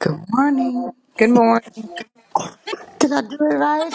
Good morning. Good morning. Did I do it right?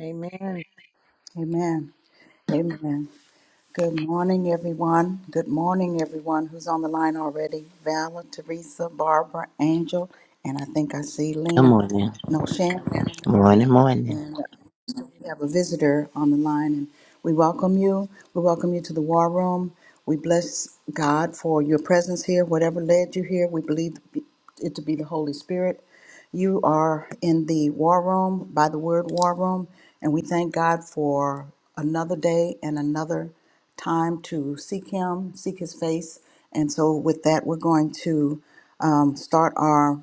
Amen. Amen. Amen. Good morning, everyone. Good morning, everyone who's on the line already. Vala, Teresa, Barbara, Angel, and I think I see Good Lena. morning. No, Shan down Morning, morning. there. We have a visitor on the line, and we welcome you. We welcome you to the war room. We bless God for your presence here. Whatever led you here, we believe it to be the Holy Spirit. You are in the war room by the word war room, and we thank God for another day and another time to seek Him, seek His face. And so, with that, we're going to um, start our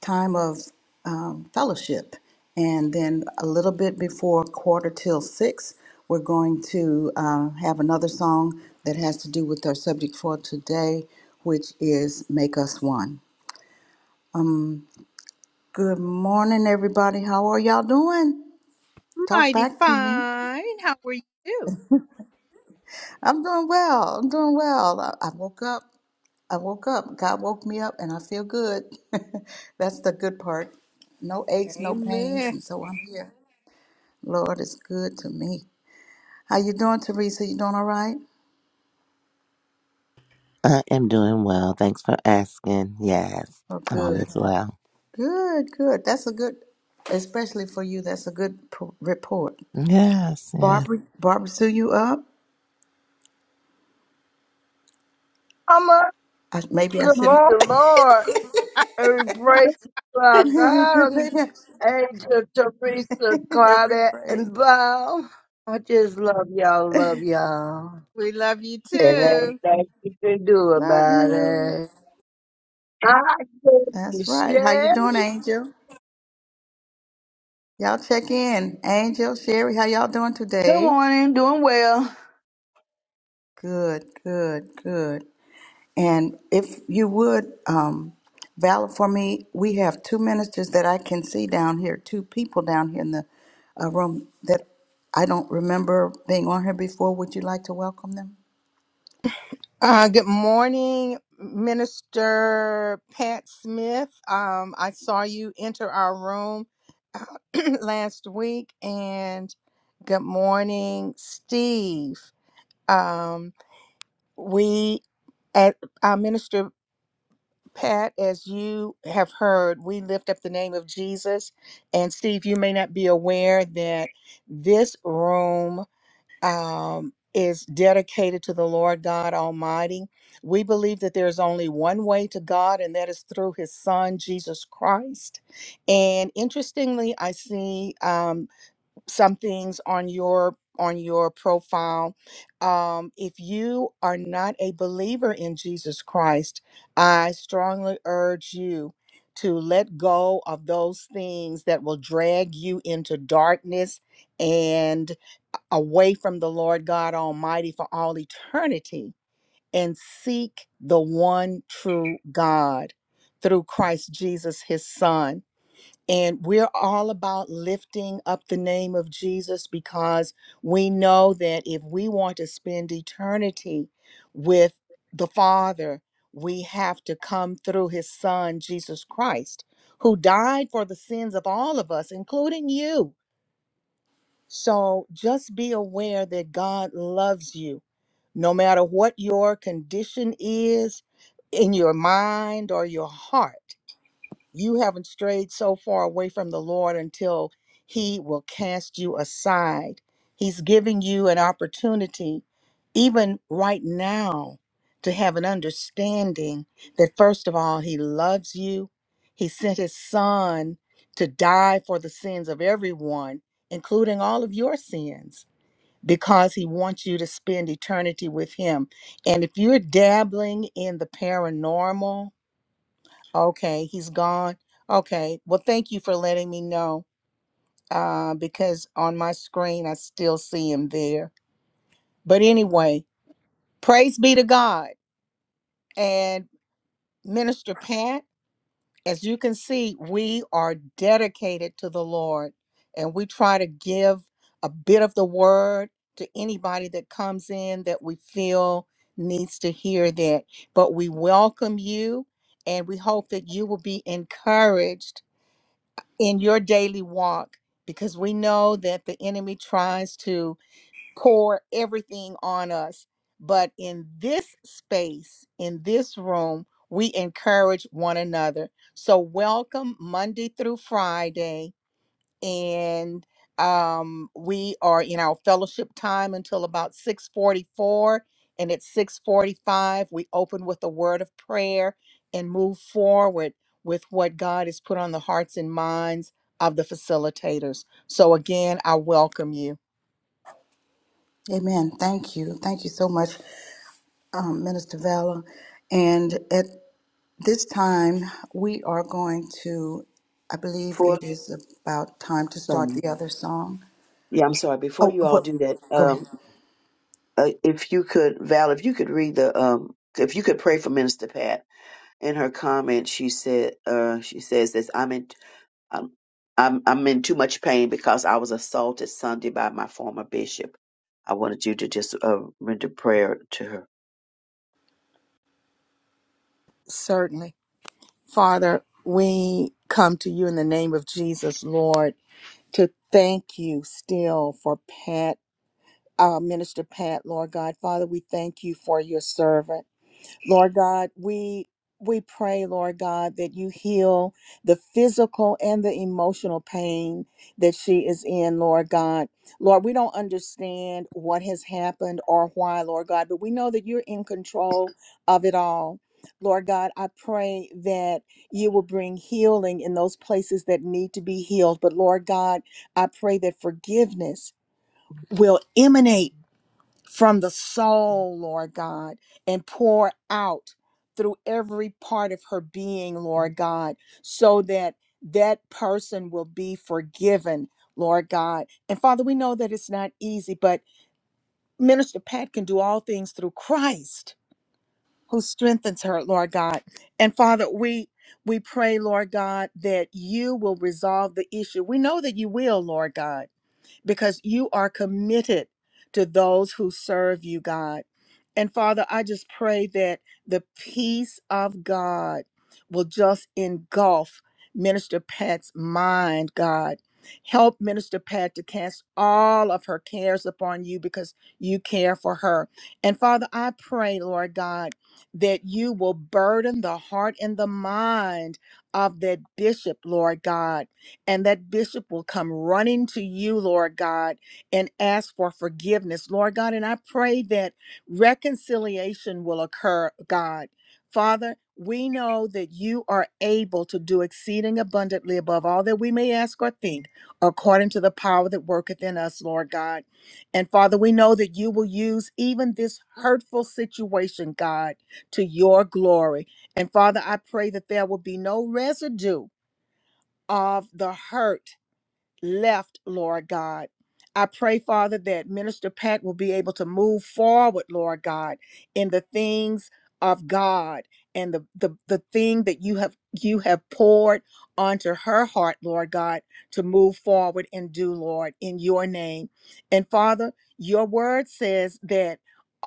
time of um, fellowship. And then a little bit before quarter till six, we're going to uh, have another song that has to do with our subject for today, which is Make Us One. Good morning, everybody. How are y'all doing? Talk back to me. I'm doing well. I'm doing well. I, I woke up. I woke up. God woke me up, and I feel good. That's the good part. No aches, no pains, Yeah, and so I'm here. Lord is good to me. How you doing, Teresa? You doing all right? I am doing well. Thanks for asking. Yes, Oh, all good. is well. Good, good. That's a good, especially for you, that's a good p- report. Yes, yes. Barbara, Barbara Sue, you up? I'm a I, maybe I good shouldn't. morning, Lord, and we praise our God, maybe I Angel Teresa, Every Claudette, praise. and Bob. I just love y'all, love y'all. we love you And ain't too. nothing you can do Love about you. it. I give you, That's right. How you doing, Sherry. Angel? Y'all check in. Angel, Sherry, how y'all doing Good today? morning. Doing well. Good, good, good. And if you would, um, valid for me, we have two ministers that I can see down here, two people down here in the uh, room that I don't remember being on here before. Would you like to welcome them? Uh, good morning, Minister Pat Smith. Um, I saw you enter our room uh, last week, and good morning, Steve. Um, we at uh, Minister Pat, as you have heard, we lift up the name of Jesus. And Steve, you may not be aware that this room. um, is dedicated to the Lord God Almighty. We believe that there's only one way to God, and that is through His Son, Jesus Christ. And interestingly, I see. um, some things on your on your profile um, if you are not a believer in jesus christ i strongly urge you to let go of those things that will drag you into darkness and uh, away from the Lord God Almighty for all eternity and seek the one true God through Christ Jesus, his son. And we're all about lifting up the name of Jesus because we know that if we want to spend eternity with the Father, we have to come through his Son, Jesus Christ, who died for the sins of all of us, including you. So just be aware that God loves you. No matter what your condition is in your mind or your heart, you haven't strayed so far away from the Lord until He will cast you aside. He's giving you an opportunity, even right now, to have an understanding that, first of all, He loves you. He sent His Son to die for the sins of everyone, including all of your sins, because He wants you to spend eternity with Him. And if you're dabbling in the paranormal, Okay, he's gone. Okay. Well, thank you for letting me know uh, because on my screen, I still see him there. But anyway, praise be to God. And Minister Pat, as you can see, we are dedicated to the Lord and we try to give a bit of the word to anybody that comes in that we feel needs to hear that. But we welcome you and we hope that you will be encouraged in your daily walk because we know that the enemy tries to pour everything on us. But in this space, in this room, we encourage one another. So, welcome Monday through Friday and um, we are in our fellowship time until about 6.44 and at 6.45 we open with a word of prayer and move forward with what god has put on the hearts and minds of the facilitators so again i welcome you Amen. Thank you. Thank you so much, um, Minister Vala. And at this time, we are going to, I believe For it is about time to start some, the other song. yeah, I'm sorry. Before Oh, you all what? do that, Go ahead. um, uh, if you could, Val, if you could read the, um, if you could pray for Minister Pat. In her comment, she said, uh, she says this. I'm in, I'm, I'm, I'm in too much pain because I was assaulted Sunday by my former bishop. I wanted you to just uh, render prayer to her. Certainly. Father, we come to you in the name of Jesus, Lord, to thank you still for Pat, uh, Minister Pat, Lord God. Father, we thank you for your servant. Lord God, we we pray, Lord God, that you heal the physical and the emotional pain that she is in, Lord God. Lord, we don't understand what has happened or why, Lord God, but we know that you're in control of it all. Lord God, I pray that you will bring healing in those places that need to be healed. But Lord God, I pray that forgiveness will emanate from the soul, Lord God, and pour out through every part of her being, Lord God, so that that person will be forgiven, Lord God. And Father, we know that it's not easy, but Minister Pat can do all things through Christ who strengthens her, Lord God. And Father, we we pray, Lord God, that you will resolve the issue. We know that you will, Lord God because you are committed to those who serve you, God. And Father, I just pray that the peace of God will just engulf Minister Pat's mind, God. Help Minister Pat to cast all of her cares upon you because you care for her. And Father, I pray, Lord God, that you will burden the heart and the mind of that bishop, Lord God and that bishop will come running to you, Lord God, and ask for forgiveness, Lord God. And I pray that reconciliation will occur, God. Father, we know that you are able to do exceeding abundantly above all that we may ask or think, according to the power that worketh in us, Lord God. And Father, we know that you will use even this hurtful situation, God, to your glory. And Father, I pray that there will be no residue of the hurt left, Lord God. I pray, Father, that Minister Pat will be able to move forward, Lord God, in the things of God and the, the, the thing that you have you have poured onto her heart, Lord God, to move forward and do, Lord, in your name. And Father, your word says that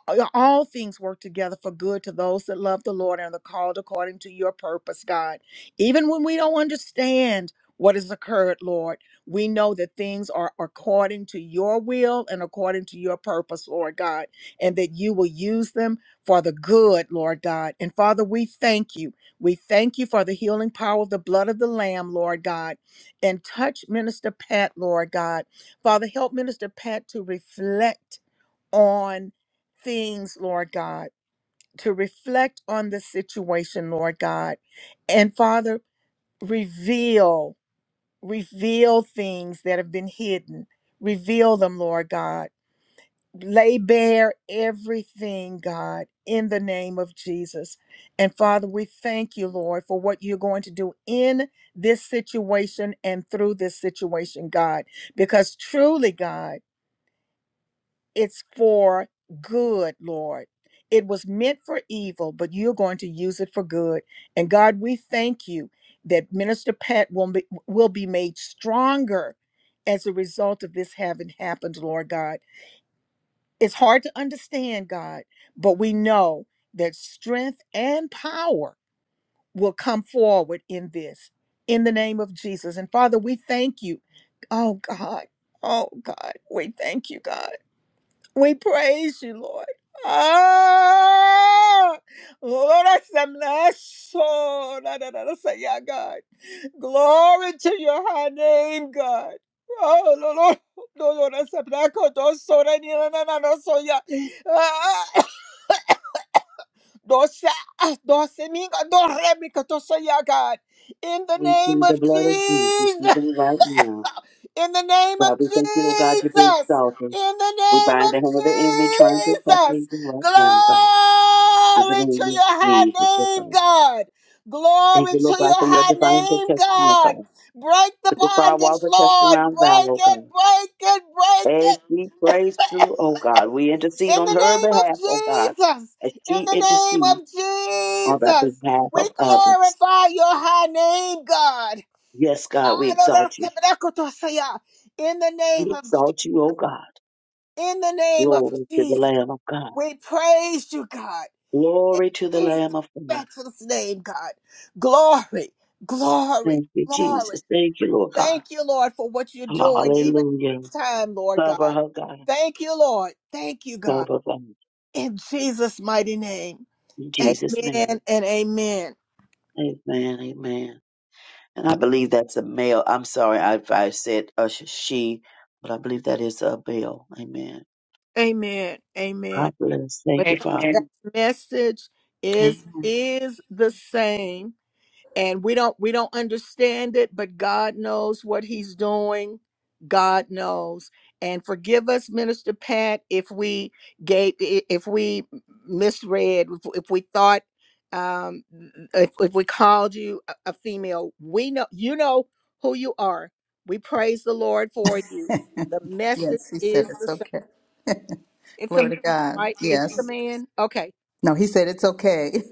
all all things work together for good to those that love the Lord and are called according to your purpose, God. Even when we don't understand what has occurred, Lord, we know that things are according to your will and according to your purpose, Lord God, and that you will use them for the good, Lord God. And Father, we thank you. We thank you for the healing power of the blood of the Lamb, Lord God. And touch Minister Pat, Lord God. Father, help Minister Pat to reflect on things, Lord God, to reflect on the situation, Lord God. And Father, reveal, reveal things that have been hidden. Reveal them, Lord God. Lay bare everything, God, in the name of Jesus. And Father, we thank you, Lord, for what you're going to do in this situation and through this situation, God, because truly, God. It's for good, Lord. It was meant for evil, but you're going to use it for good. And God, we thank you that Minister Pat will be, will be made stronger as a result of this having happened, Lord God. It's hard to understand, God, but we know that strength and power will come forward in this, in the name of Jesus. And Father, we thank you. Oh, God. Oh, God. We thank you, God. We praise you, Lord. Ah, Lord, I say, bless oh, da, da, da, da, say, yeah, God. Glory to your high name, God. Oh, Lord, Lord, Lord, Lord, I say, black, oh, don't so, da, ni, na, na, na, no, so, yeah. Ah, don't say, ah, don't say, me, God, don't let me, God, don't say, yeah, God. In the We name plead the of blood of Jesus Jesus. even right now. In the name of God, we thank you, oh God, you're being Jesus. exalted. In the We name bind the hand of the enemy trying to attack of me Jesus. right now, God. In the Glory to name your of high Jesus, oh name, God. God. Thank Glory you, to Lord God, your for your high divine name, protection, oh God. God. Break the Put the bondage, firewall protection Lord. around Val, Break oh it, God. break it, break As it. she prays through, oh God, we intercede In on the her name behalf, oh God, of Jesus. as In she the name intercedes of on the Jesus. behalf We of others. glorify your high name, God. Yes, God, we exalt you. In the We name of exalt you, oh God. In the name of Glory to the Jesus, Lamb of God. we praise you, God. In Glory to the Jesus' Lamb of God. matchless name, God. Glory, glory, Thank you, glory. Jesus. Thank you, Lord God. Thank you, Lord, for what you're doing, even Hallelujah. this time, Lord Cover God. her, God. Thank you, Lord. Thank you, God. Cover them. In Jesus' mighty name. In Jesus' Amen name. and amen. Amen. Amen. And I believe that's a male. I'm sorry if I said a sh- she, but I believe that is a male. Amen. Amen. Amen. God bless. But Thank you, Father. that Amen. message is is the same and we don't we don't understand it but god knows what he's doing god knows and forgive us minister pat if we gave i- if we misread if if we thought um if, if we called you a a female we know you know who you are we praise the lord for you the message Yes, he said is the it's same okay. it's a Glory man to God. right it's a Yes. man okay No, he said it's okay.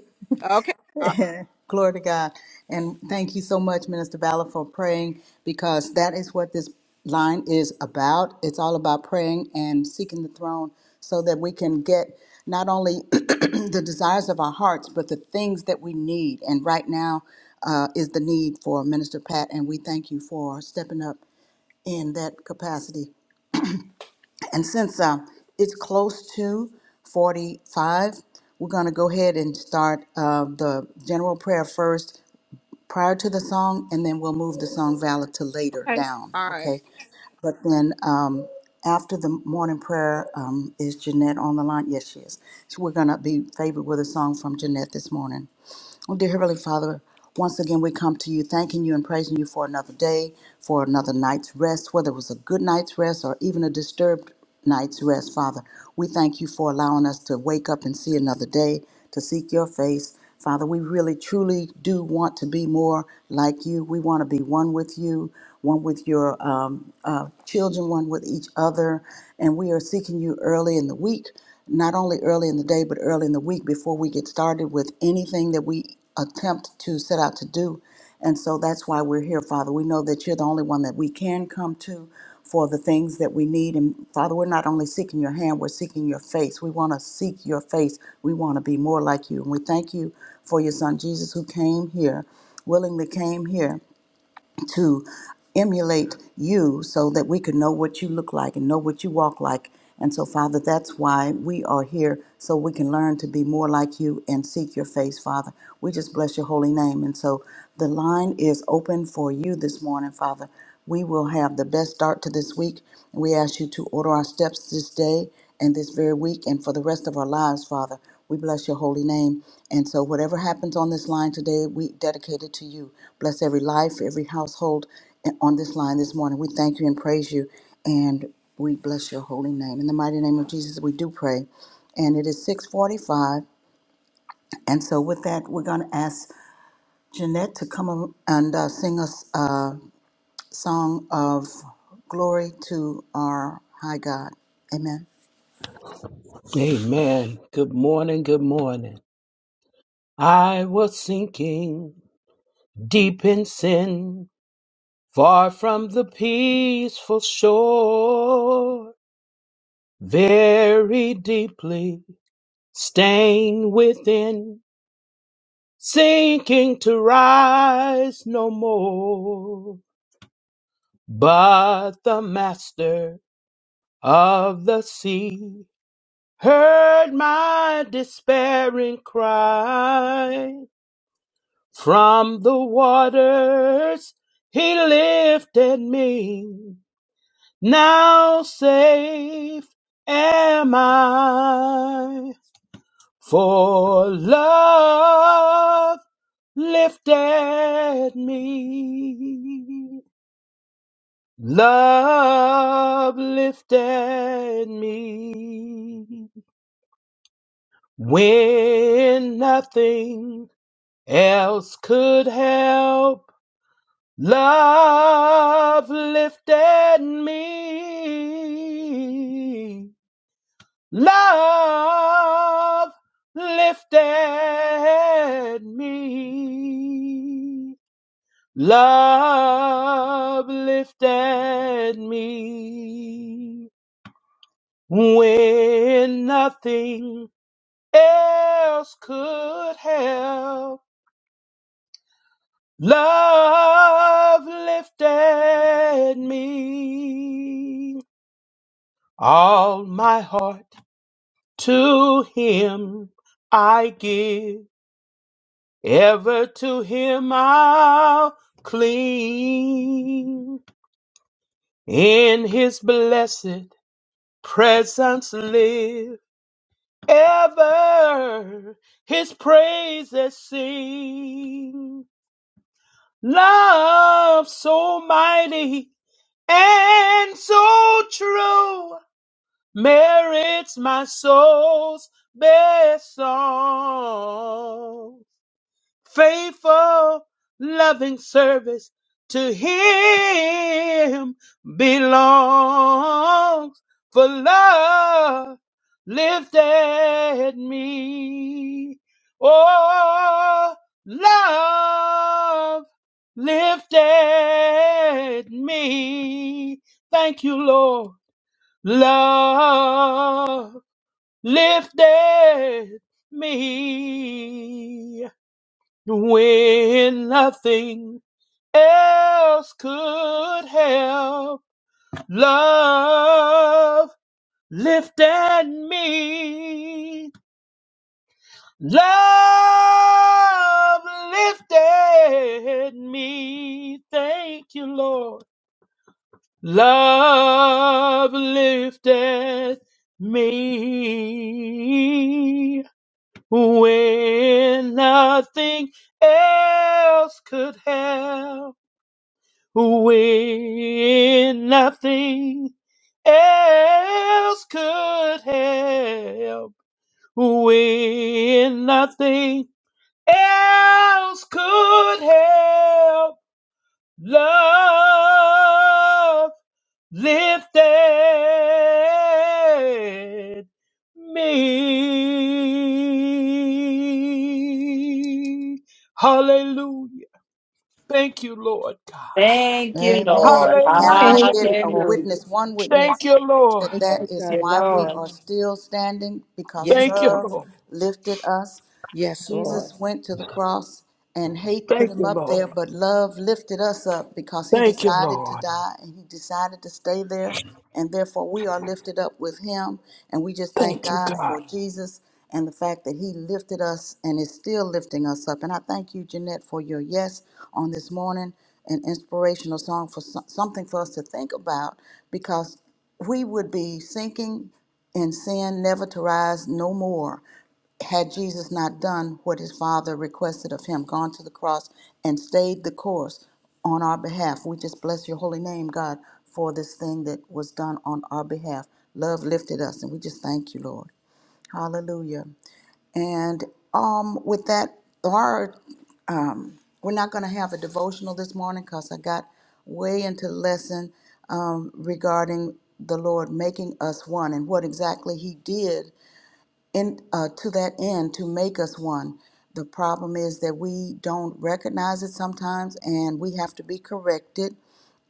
okay all right Glory to God. And thank you so much, Minister Valor, for praying because that is what this line is about. It's all about praying and seeking the throne so that we can get not only the desires of our hearts, but the things that we need. And right now uh, is the need for Minister Pat, and we thank you for stepping up in that capacity. And since uh, it's close to 45, we're going to go ahead and start uh, the general prayer first prior to the song, and then we'll move the song valid to later okay down, all right okay? But then um, after the morning prayer, um, is Jeanette on the line? Yes, she is. So we're going to be favored with a song from Jeanette this morning. Oh, dear Heavenly Father, once again we come to you thanking you and praising you for another day, for another night's rest, whether it was a good night's rest or even a disturbed night's rest, Father. We thank you for allowing us to wake up and see another day, to seek your face. Father, we really truly do want to be more like you. We want to be one with you, one with your um, uh, children, one with each other. And we are seeking you early in the week not only early in the day, but early in the week before we get started with anything that we attempt to set out to do. And so that's why we're here, Father. We know that you're the only one that we can come to for the things that we need. And Father, we're not only seeking your hand, we're seeking your face. We want to seek your face. We want to be more like you. And we thank you for your son Jesus who came here, willingly came here to emulate you so that we can know what you look like and know what you walk like. And so, Father, that's why we are here, so we can learn to be more like you and seek your face, Father. We just bless your holy name. And so the line is open for you this morning, Father. We will have the best start to this week. We ask you to order our steps this day and this very week and for the rest of our lives, Father. We bless your holy name. And so, whatever happens on this line today, we dedicate it to you. Bless every life, every household on this line this morning. We thank you and praise you. And we bless your holy name. In the mighty name of Jesus, we do pray. And it is 645. And so, with that, we're going to ask Jeanette to come and uh, sing us. Uh, Song of glory to our high God. Amen. Amen. Good morning. Good morning. I was sinking deep in sin, far from the peaceful shore, very deeply stained within, sinking to rise no more. But the master of the sea heard my despairing cry From the waters he lifted me. Now safe am I, for love lifted me. Love lifted me when nothing else could help. Love lifted me. Love lifted me. Love lifted me when nothing else could help. Love lifted me. All my heart to him I give, ever to him I'll cling. In his blessed presence live, ever his praises sing. Love so mighty and so true merits my soul's best song. Faithful, loving service to Him belongs. For love lifted me. Oh, love lifted me. Thank you, Lord love lifted me when nothing else could help. Love lifted me. Love lifted me. Thank you, Lord. Love lifted me when nothing else could help, when nothing else could help, when nothing else could help. Love lifted me. Hallelujah. Thank you, Lord God. Thank you, Amen. Lord. Can I Hallelujah. get a Hallelujah. witness, one witness, Thank you, Lord. that that Thank is you, why we are Lord. still standing? Because Yes, Thank you, love Lord. lifted us. yes, Lord. Jesus went to the cross and hate put Thank him you, up Lord. there, but love lifted us up because he Thank you, decided to Lord. die and he decided to stay there. And therefore, we are lifted up with him. And we just thank Thank you, God God. for Jesus and the fact that he lifted us and is still lifting us up. And I thank you, Jeanette, for your yes on this morning, an inspirational song for so- something for us to think about because we would be sinking in sin, never to rise no more had Jesus not done what his Father requested of him, gone to the cross and stayed the course on our behalf, we just bless your holy name, God, for this thing that was done on our behalf. Love lifted us, and we just thank you, Lord. Hallelujah. And um, with that, our um, we're not going to have a devotional this morning because I got way into lesson um, regarding the Lord making us one and what exactly He did in uh, to that end to make us one. The problem is that we don't recognize it sometimes, and we have to be corrected.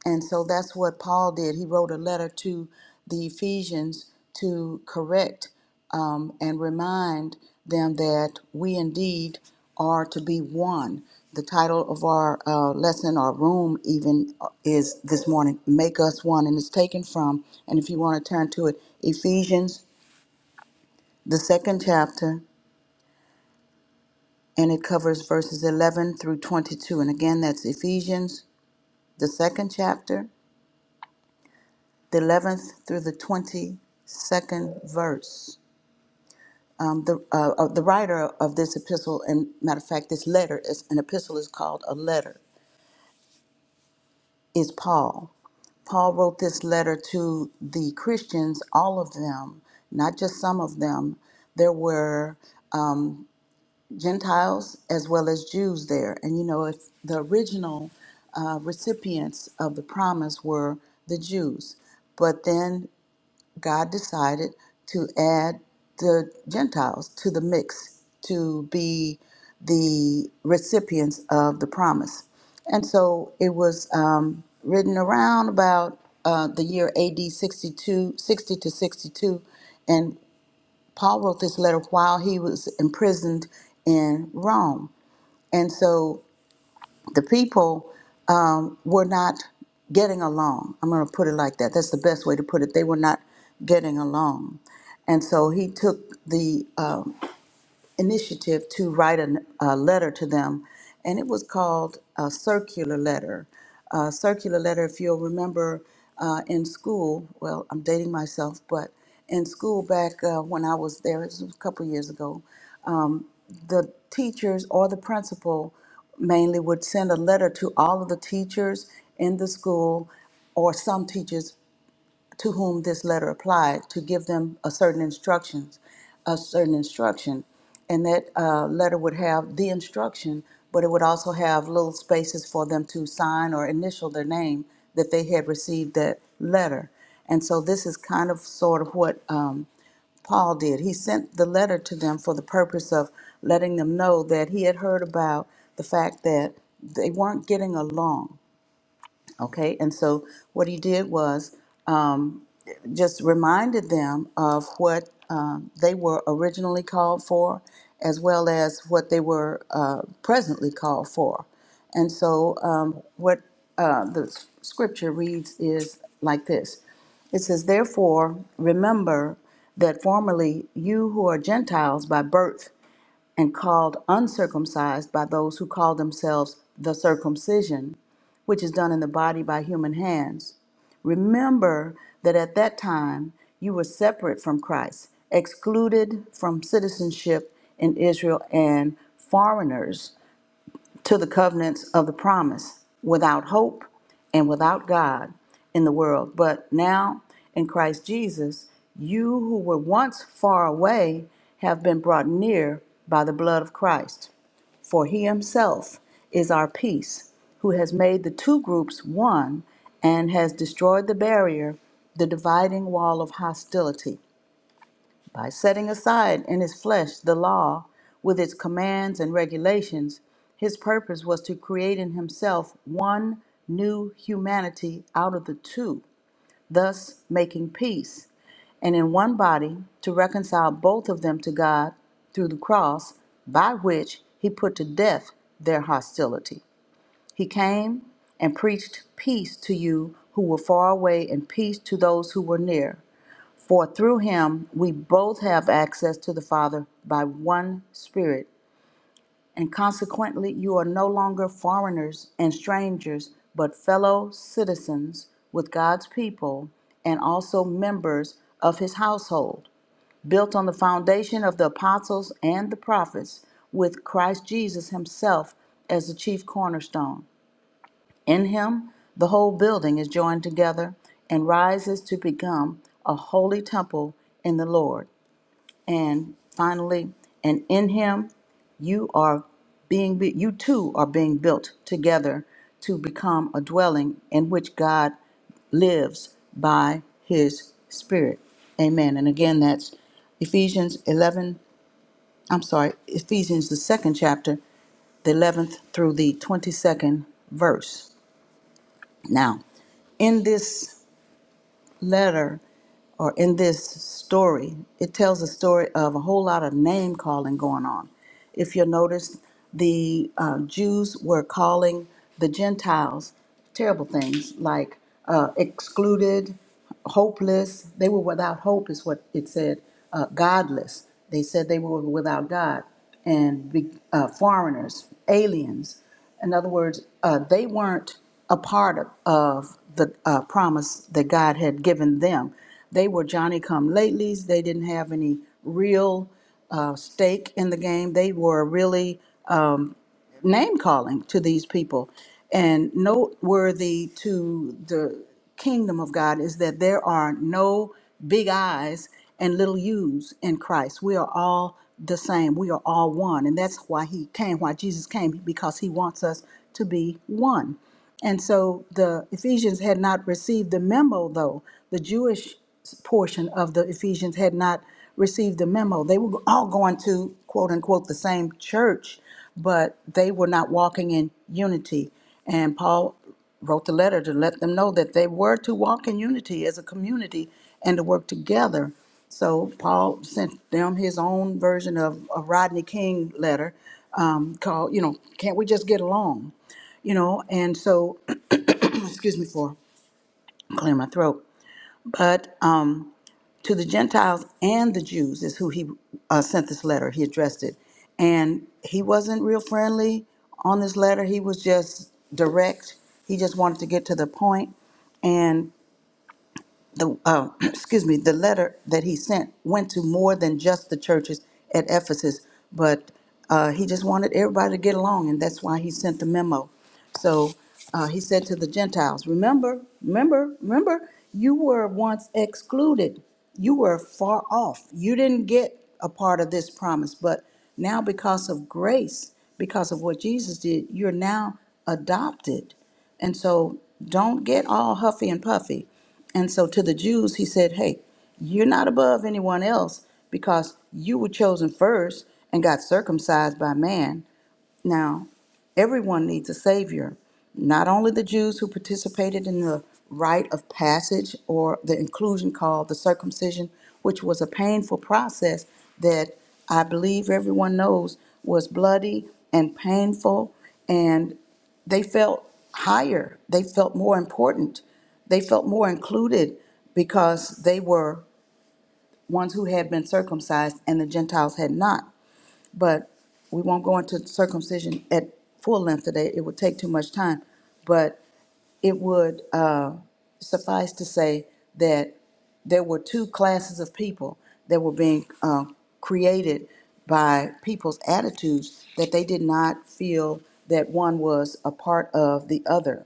And so that's what Paul did. He wrote a letter to the Ephesians to correct um, and remind them that we indeed are to be one. The title of our uh, lesson, our room, even uh, is this morning, Make Us One, and it's taken from, and if you want to turn to it, Ephesians, the second chapter, and it covers verses 11 through 22. And again, that's Ephesians, the second chapter, the 11th through the 22nd verse. Um, the, uh, uh, the writer of this epistle, and matter of fact, this letter is an epistle is called a letter, is Paul. Paul wrote this letter to the Christians, all of them, not just some of them. There were Gentiles as well as Jews there. And you know, if the original uh, recipients of the promise were the Jews, but then God decided to add the Gentiles to the mix to be the recipients of the promise. And so it was um, written around about uh, the year AD 62, 60 to 62. and. Paul wrote this letter while he was imprisoned in Rome. And so the people um, were not getting along. I'm going to put it like that. That's the best way to put it. They were not getting along. And so he took the um, initiative to write an, a letter to them, and it was called a circular letter. A circular letter, if you'll remember uh, in school, well, I'm dating myself, but in school back uh, when I was there, it was a couple years ago, the teachers or the principal mainly would send a letter to all of the teachers in the school or some teachers to whom this letter applied to give them a certain instructions, a certain instruction, and that uh, letter would have the instruction, but it would also have little spaces for them to sign or initial their name that they had received that letter. And so this is kind of sort of what um, Paul did. He sent the letter to them for the purpose of letting them know that he had heard about the fact that they weren't getting along Okay, and so what he did was um, just reminded them of what um, they were originally called for, as well as what they were uh, presently called for. And so, um, what uh, the s- scripture reads is like this It says, Therefore, remember that formerly you who are Gentiles by birth and called uncircumcised by those who call themselves the circumcision which is done in the body by human hands. Remember that at that time you were separate from Christ, excluded from citizenship in Israel, and foreigners to the covenants of the promise without hope and without God in the world. But now in Christ Jesus, you who were once far away have been brought near by the blood of Christ. For he himself is our peace, who has made the two groups one and has destroyed the barrier, the dividing wall of hostility by setting aside in his flesh the law with its commands and regulations, his purpose was to create in himself one new humanity out of the two, thus making peace, and in one body to reconcile both of them to God through the cross, by which he put to death their hostility. He came and preached peace to you who were far away and peace to those who were near. For through him we both have access to the Father by one Spirit. And consequently, you are no longer foreigners and strangers, but fellow citizens with God's people and also members of his household, built on the foundation of the apostles and the prophets, with Christ Jesus himself as the chief cornerstone in him, the whole building is joined together and rises to become a holy temple in the Lord. And finally, and in him, you are being bu- you too are being built together to become a dwelling in which God lives by his spirit. Amen. And again that's Ephesians 11, I'm sorry, Ephesians the 2nd chapter, the 11th through the 22nd verse. Now, in this letter or in this story, it tells a story of a whole lot of name calling going on. If you'll notice, the uh, Jews were calling the Gentiles terrible things like uh, excluded, hopeless. They were without hope, is what it said, uh, godless. They said they were without God and be- uh, foreigners, aliens. In other words, uh, they weren't a part of, of the uh, promise that God had given them. They were Johnny come latelys. They didn't have any real uh, stake in the game. They were really um, name calling to these people. And noteworthy to the kingdom of God is that there are no big I's and little U's in Christ. We are all the same. We are all one. And that's why he came, why Jesus came, because he wants us to be one. And so the Ephesians had not received the memo, though. The Jewish portion of the Ephesians had not received the memo. They were all going to, quote unquote, the same church, but they were not walking in unity. And Paul wrote the letter to let them know that they were to walk in unity as a community and to work together. So Paul sent them his own version of a Rodney King letter um, called, you know, Can't We Just Get Along? you know, and so, excuse me for clearing my throat. But um, to the Gentiles and the Jews is who he uh, sent this letter. He addressed it, and he wasn't real friendly on this letter. He was just direct. He just wanted to get to the point, and the uh, excuse me the letter that he sent went to more than just the churches at ephesus but uh, he just wanted everybody to get along and that's why he sent the memo so uh, he said to the gentiles remember remember remember you were once excluded you were far off you didn't get a part of this promise but now because of grace because of what jesus did you're now adopted and so don't get all huffy and puffy. And so to the Jews, he said, Hey, you're not above anyone else because you were chosen first and got circumcised by man. Now, everyone needs a Savior, not only the Jews who participated in the rite of passage or the inclusion called the circumcision, which was a painful process that I believe everyone knows was bloody and painful, and they felt higher, they felt more important, they felt more included because they were ones who had been circumcised and the Gentiles had not but we won't go into circumcision at full length today. It would take too much time, but it would uh, suffice to say that there were two classes of people that were being uh, created by people's attitudes that they did not feel that one was a part of the other.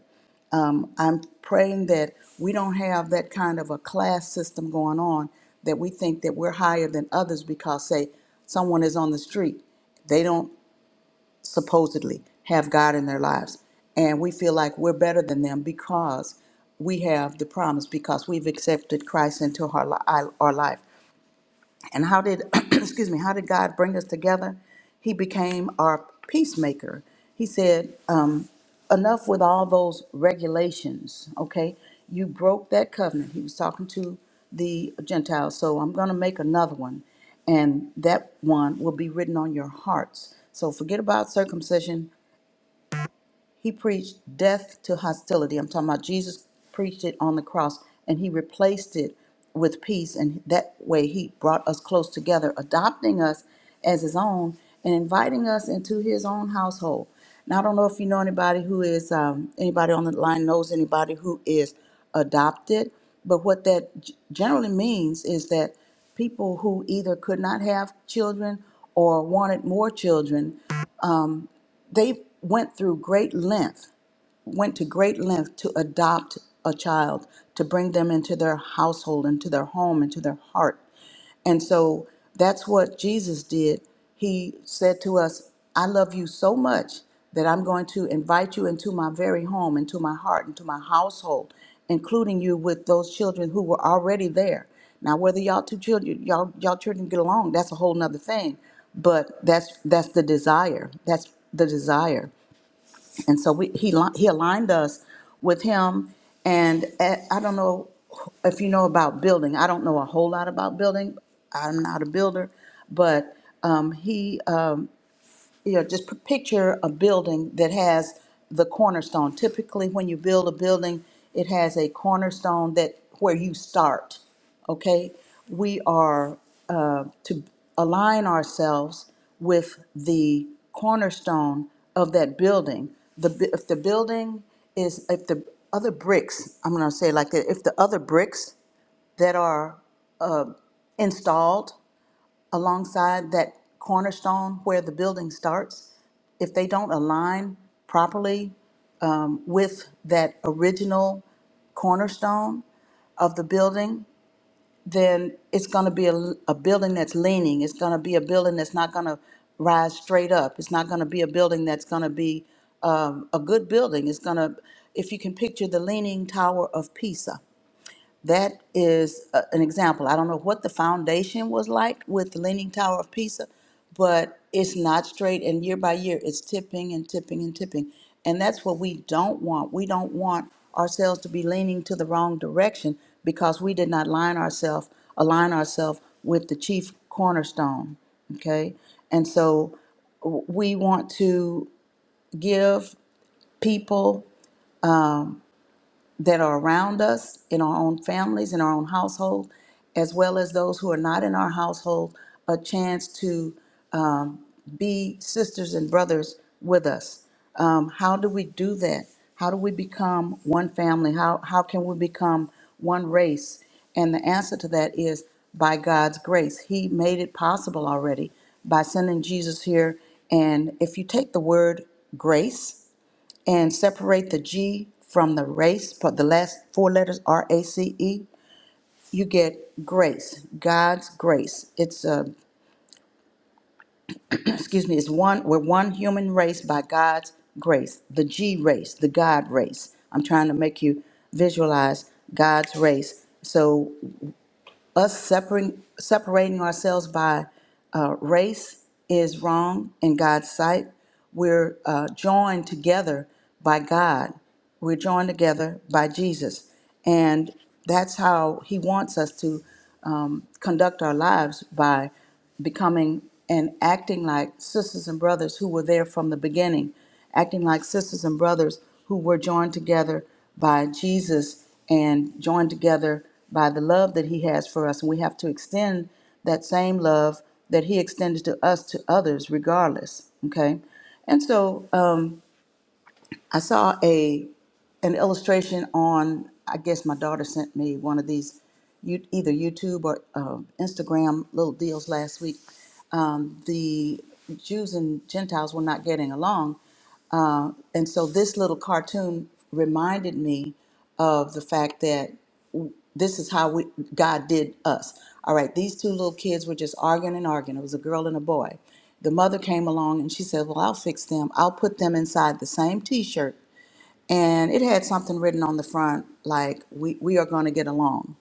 Um, I'm praying that we don't have that kind of a class system going on that we think that we're higher than others because, say, someone is on the street. They don't supposedly have God in their lives. And we feel like we're better than them because we have the promise, because we've accepted Christ into our, li- our life. And how did, excuse me, how did God bring us together? He became our peacemaker. He said, um, enough with all those regulations, okay? You broke that covenant. He was talking to the Gentiles, so I'm going to make another one. And that one will be written on your hearts. So forget about circumcision he preached death to hostility. I'm talking about Jesus preached it on the cross and he replaced it with peace. And that way he brought us close together, adopting us as his own and inviting us into his own household. Now, I don't know if you know anybody who is, um, anybody on the line knows anybody who is adopted, but what that g- generally means is that people who either could not have children or wanted more children, they went through great length went to great length to adopt a child, to bring them into their household, into their home, into their heart. And so that's what Jesus did. He said to us, I love you so much that I'm going to invite you into my very home, into my heart, into my household, including you with those children who were already there. Now, whether y'all two children, y'all y'all children get along, that's a whole nother thing. But that's that's the desire. That's the desire and so we he li- he aligned us with him and a I don't know if you know about building I don't know a whole lot about building I'm not a builder but um, he um, yeah, just p- picture a building that has the cornerstone. Typically, when you build a building, it has a cornerstone that where you start. Okay, we are uh, to align ourselves with the cornerstone of that building. The bu- if the building is if the other bricks, I'm going to say it like that. If the other bricks that are uh, installed alongside that cornerstone where the building starts, if they don't align properly um, with that original cornerstone of the building, then it's going to be a, a building that's leaning. It's going to be a building that's not going to rise straight up. It's not going to be a building that's going to be um, a good building. It's going to, if you can picture the leaning tower of Pisa, that is a, an example. I don't know what the foundation was like with the Leaning Tower of Pisa, but it's not straight, and year by year, it's tipping and tipping and tipping. And that's what we don't want. We don't want ourselves to be leaning to the wrong direction because we did not line ourselves, align ourselves with the chief cornerstone. Okay, and so w- we want to give people that are around us in our own families, in our own household, as well as those who are not in our household, a chance to um, be sisters and brothers with us. Um, how do we do that? How do we become one family? How, how can we become one race? And the answer to that is by God's grace. He made it possible already by sending Jesus here. And if you take the word grace, and separate the G from the race, but the last four letters R A C E, you get grace, God's grace. It's uh, excuse me, it's one we're one human race by God's grace, the G race, the God race. I'm trying to make you visualize God's race. So us separating, separating ourselves by uh, race is wrong in God's sight. We're uh, joined together by God. We're joined together by Jesus. And that's how He wants us to um, conduct our lives by becoming and acting like sisters and brothers who were there from the beginning, acting like sisters and brothers who were joined together by Jesus and joined together by the love that He has for us. And we have to extend that same love that He extended to us to others, regardless. Okay? And so Um, I saw a an illustration on. I guess my daughter sent me one of these, you, either YouTube or uh, Instagram little deals last week. Um, the Jews and Gentiles were not getting along, uh, and so this little cartoon reminded me of the fact that w- this is how we God did us. All right, these two little kids were just arguing and arguing. It was a girl and a boy, the mother came along and she said, Well, I'll fix them. I'll put them inside the same t shirt. And it had something written on the front like, We, we are going to get along.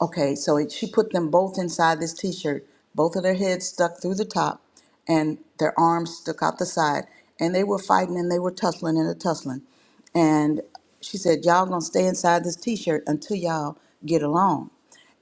Okay, so it, she put them both inside this t shirt, both of their heads stuck through the top and their arms stuck out the side. And they were fighting and they were tussling and a tussling. And she said, Y'all going to stay inside this t shirt until y'all get along.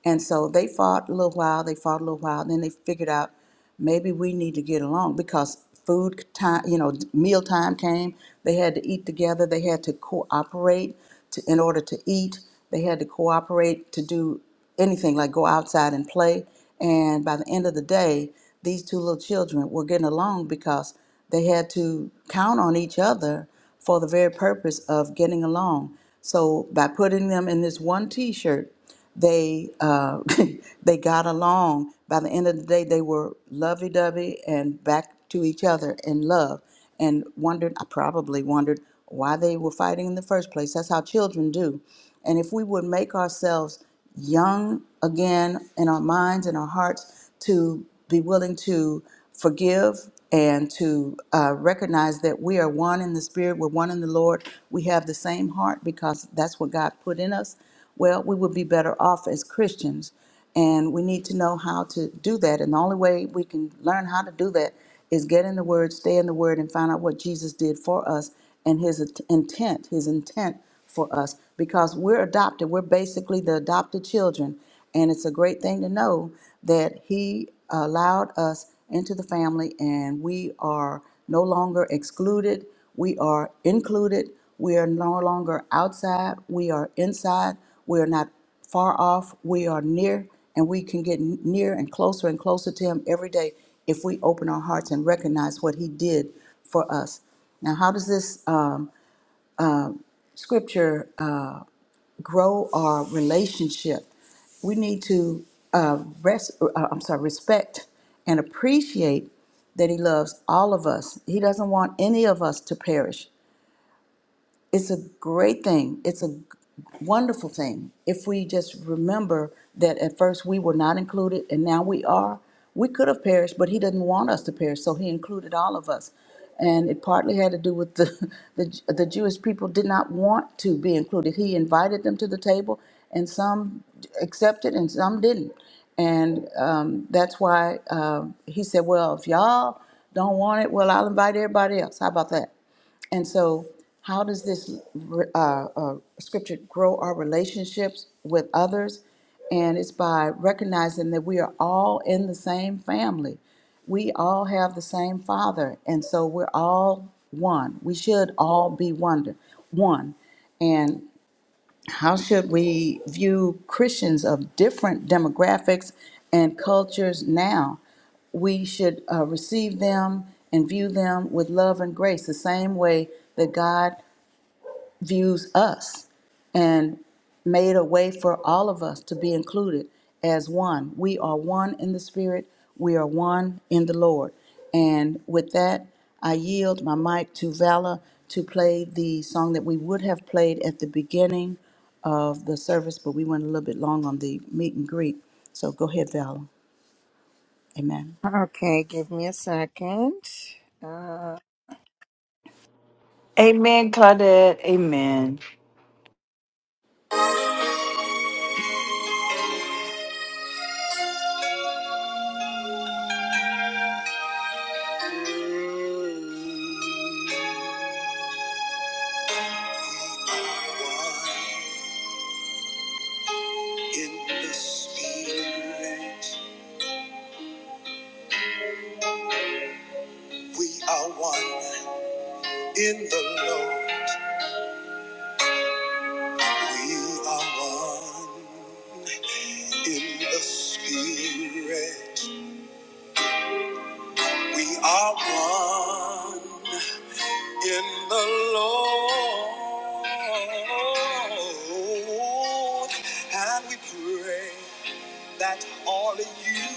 And so they fought a little while, they fought a little while, and then they figured out maybe we need to get along because food time, you know, meal time came. They had to eat together, they had to cooperate to, in order to eat, they had to cooperate to do anything like go outside and play. And by the end of the day, these two little children were getting along because they had to count on each other for the very purpose of getting along. So by putting them in this one t shirt, they uh, they got along. By the end of the day, they were lovey-dovey and back to each other in love. And wondered, I probably wondered why they were fighting in the first place. That's how children do. And if we would make ourselves young again in our minds and our hearts to be willing to forgive and to uh, recognize that we are one in the spirit, we're one in the Lord, we have the same heart because that's what God put in us. Well, we would be better off as Christians, and we need to know how to do that. And the only way we can learn how to do that is get in the Word, stay in the Word, and find out what Jesus did for us and His int- intent, His intent for us, because we're adopted. We're basically the adopted children, and it's a great thing to know that He allowed us into the family, and we are no longer excluded. We are included. We are no longer outside. We are inside. We are not far off. We are near, and we can get n- near and closer and closer to Him every day if we open our hearts and recognize what He did for us. Now, how does this um, scripture uh, grow our relationship? We need to uh, res- uh, I'm sorry, respect and appreciate that He loves all of us. He doesn't want any of us to perish it's a great thing. It's a wonderful thing. If we just remember that at first we were not included and now we are, we could have perished, but He didn't want us to perish, so He included all of us. And it partly had to do with the, the, the Jewish people did not want to be included. He invited them to the table, and some accepted and some didn't. And um, that's why um he said, Well, if y'all don't want it, well, I'll invite everybody else. How about that? And so, how does this uh, uh, scripture grow our relationships with others? And it's by recognizing that we are all in the same family. We all have the same father. And so, we're all one. We should all be one. one. And how should we view Christians of different demographics and cultures now? We should uh, receive them and view them with love and grace, the same way that God views us and made a way for all of us to be included as one. We are one in the Spirit, we are one in the Lord. And with that, I yield my mic to Vala to play the song that we would have played at the beginning of the service, but we went a little bit long on the meet and greet. So go ahead, Vala. Amen. Okay, give me a second. Uh, Amen, Claudette. Amen. In the Spirit, we are one. In the Lord, we are one. In the Spirit, we are one. In the Lord, and we pray. that all of unity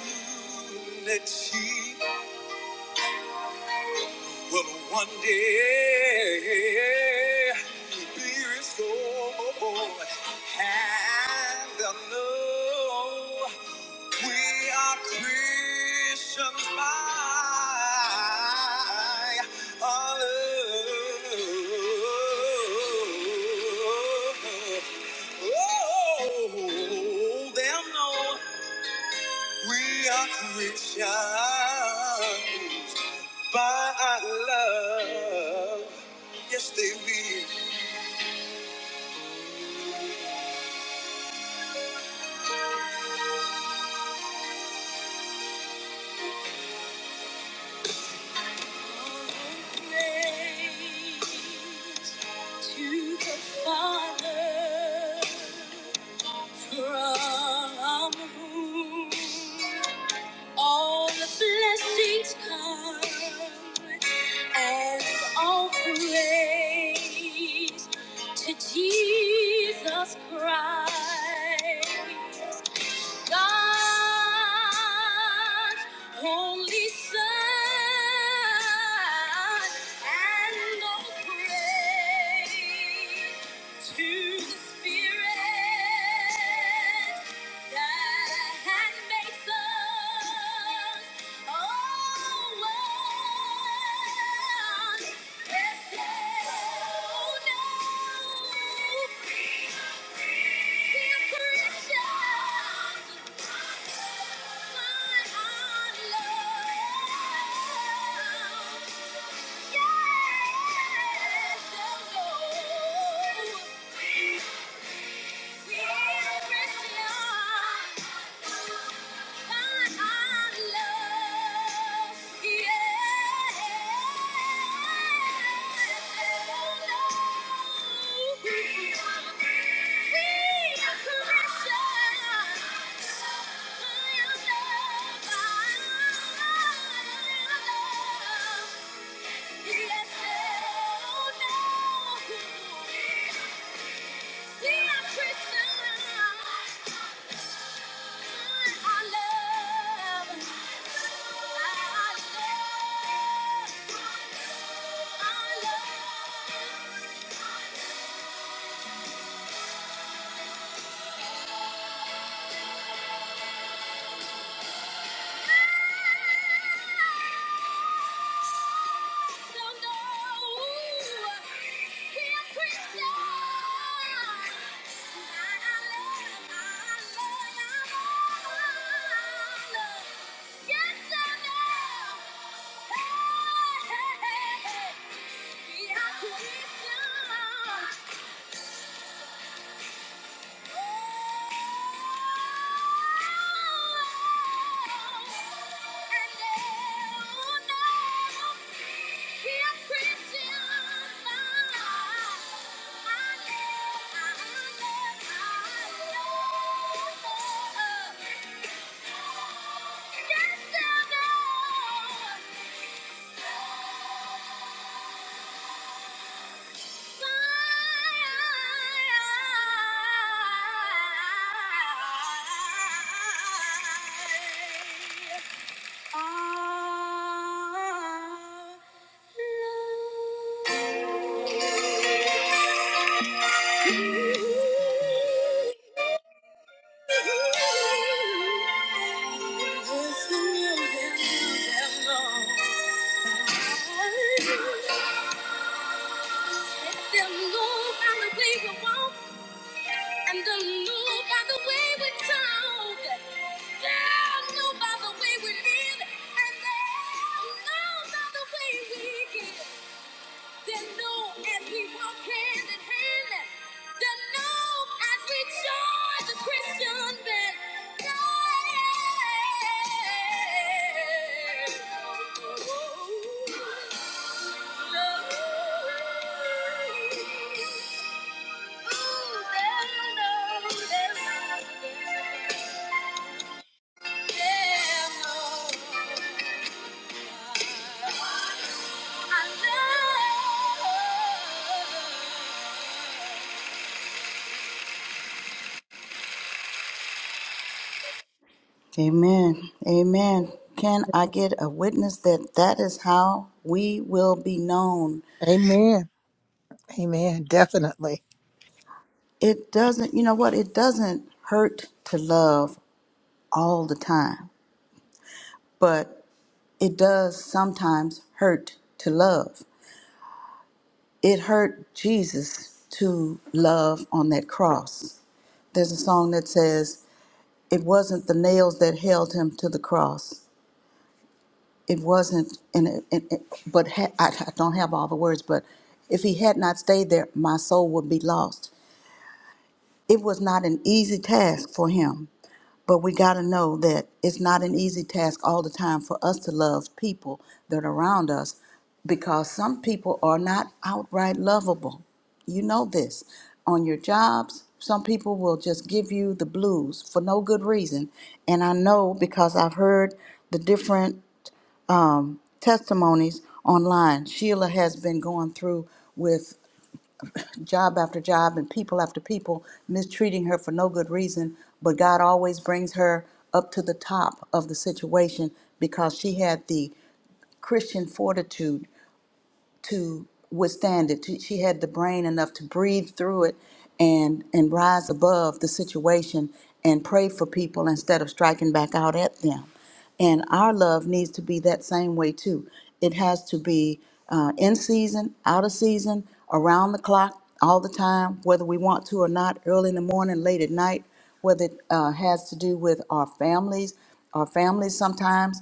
will one day be restored. And they'll know we are Christians by our love. Oh, they'll know. We are Christians by our love. Yes, they Amen. Amen. Can I get a witness that that is how we will be known? will. Amen. Definitely. it doesn't you know what it doesn't hurt to love all the time but it does sometimes hurt to love it hurt jesus to love on that cross there's a song that says it wasn't the nails that held him to the cross it wasn't and, it, and it, but ha- I, I don't have all the words but if he had not stayed there my soul would be lost It was not an easy task for him, but we got to know that it's not an easy task all the time for us to love people that are around us because some people are not outright lovable. You know this. On your jobs, some people will just give you the blues for no good reason. And I know because I've heard the different testimonies online. Sheila has been going through with job after job and people after people mistreating her for no good reason. But God always brings her up to the top of the situation because she had the Christian fortitude to withstand it. She she had the brain enough to breathe through it and and rise above the situation and pray for people instead of striking back out at them. And our love needs to be that same way too. It has to be uh, in season, out of season, around the clock, all the time, whether we want to or not, early in the morning, late at night, whether it uh, has to do with our families, our families sometimes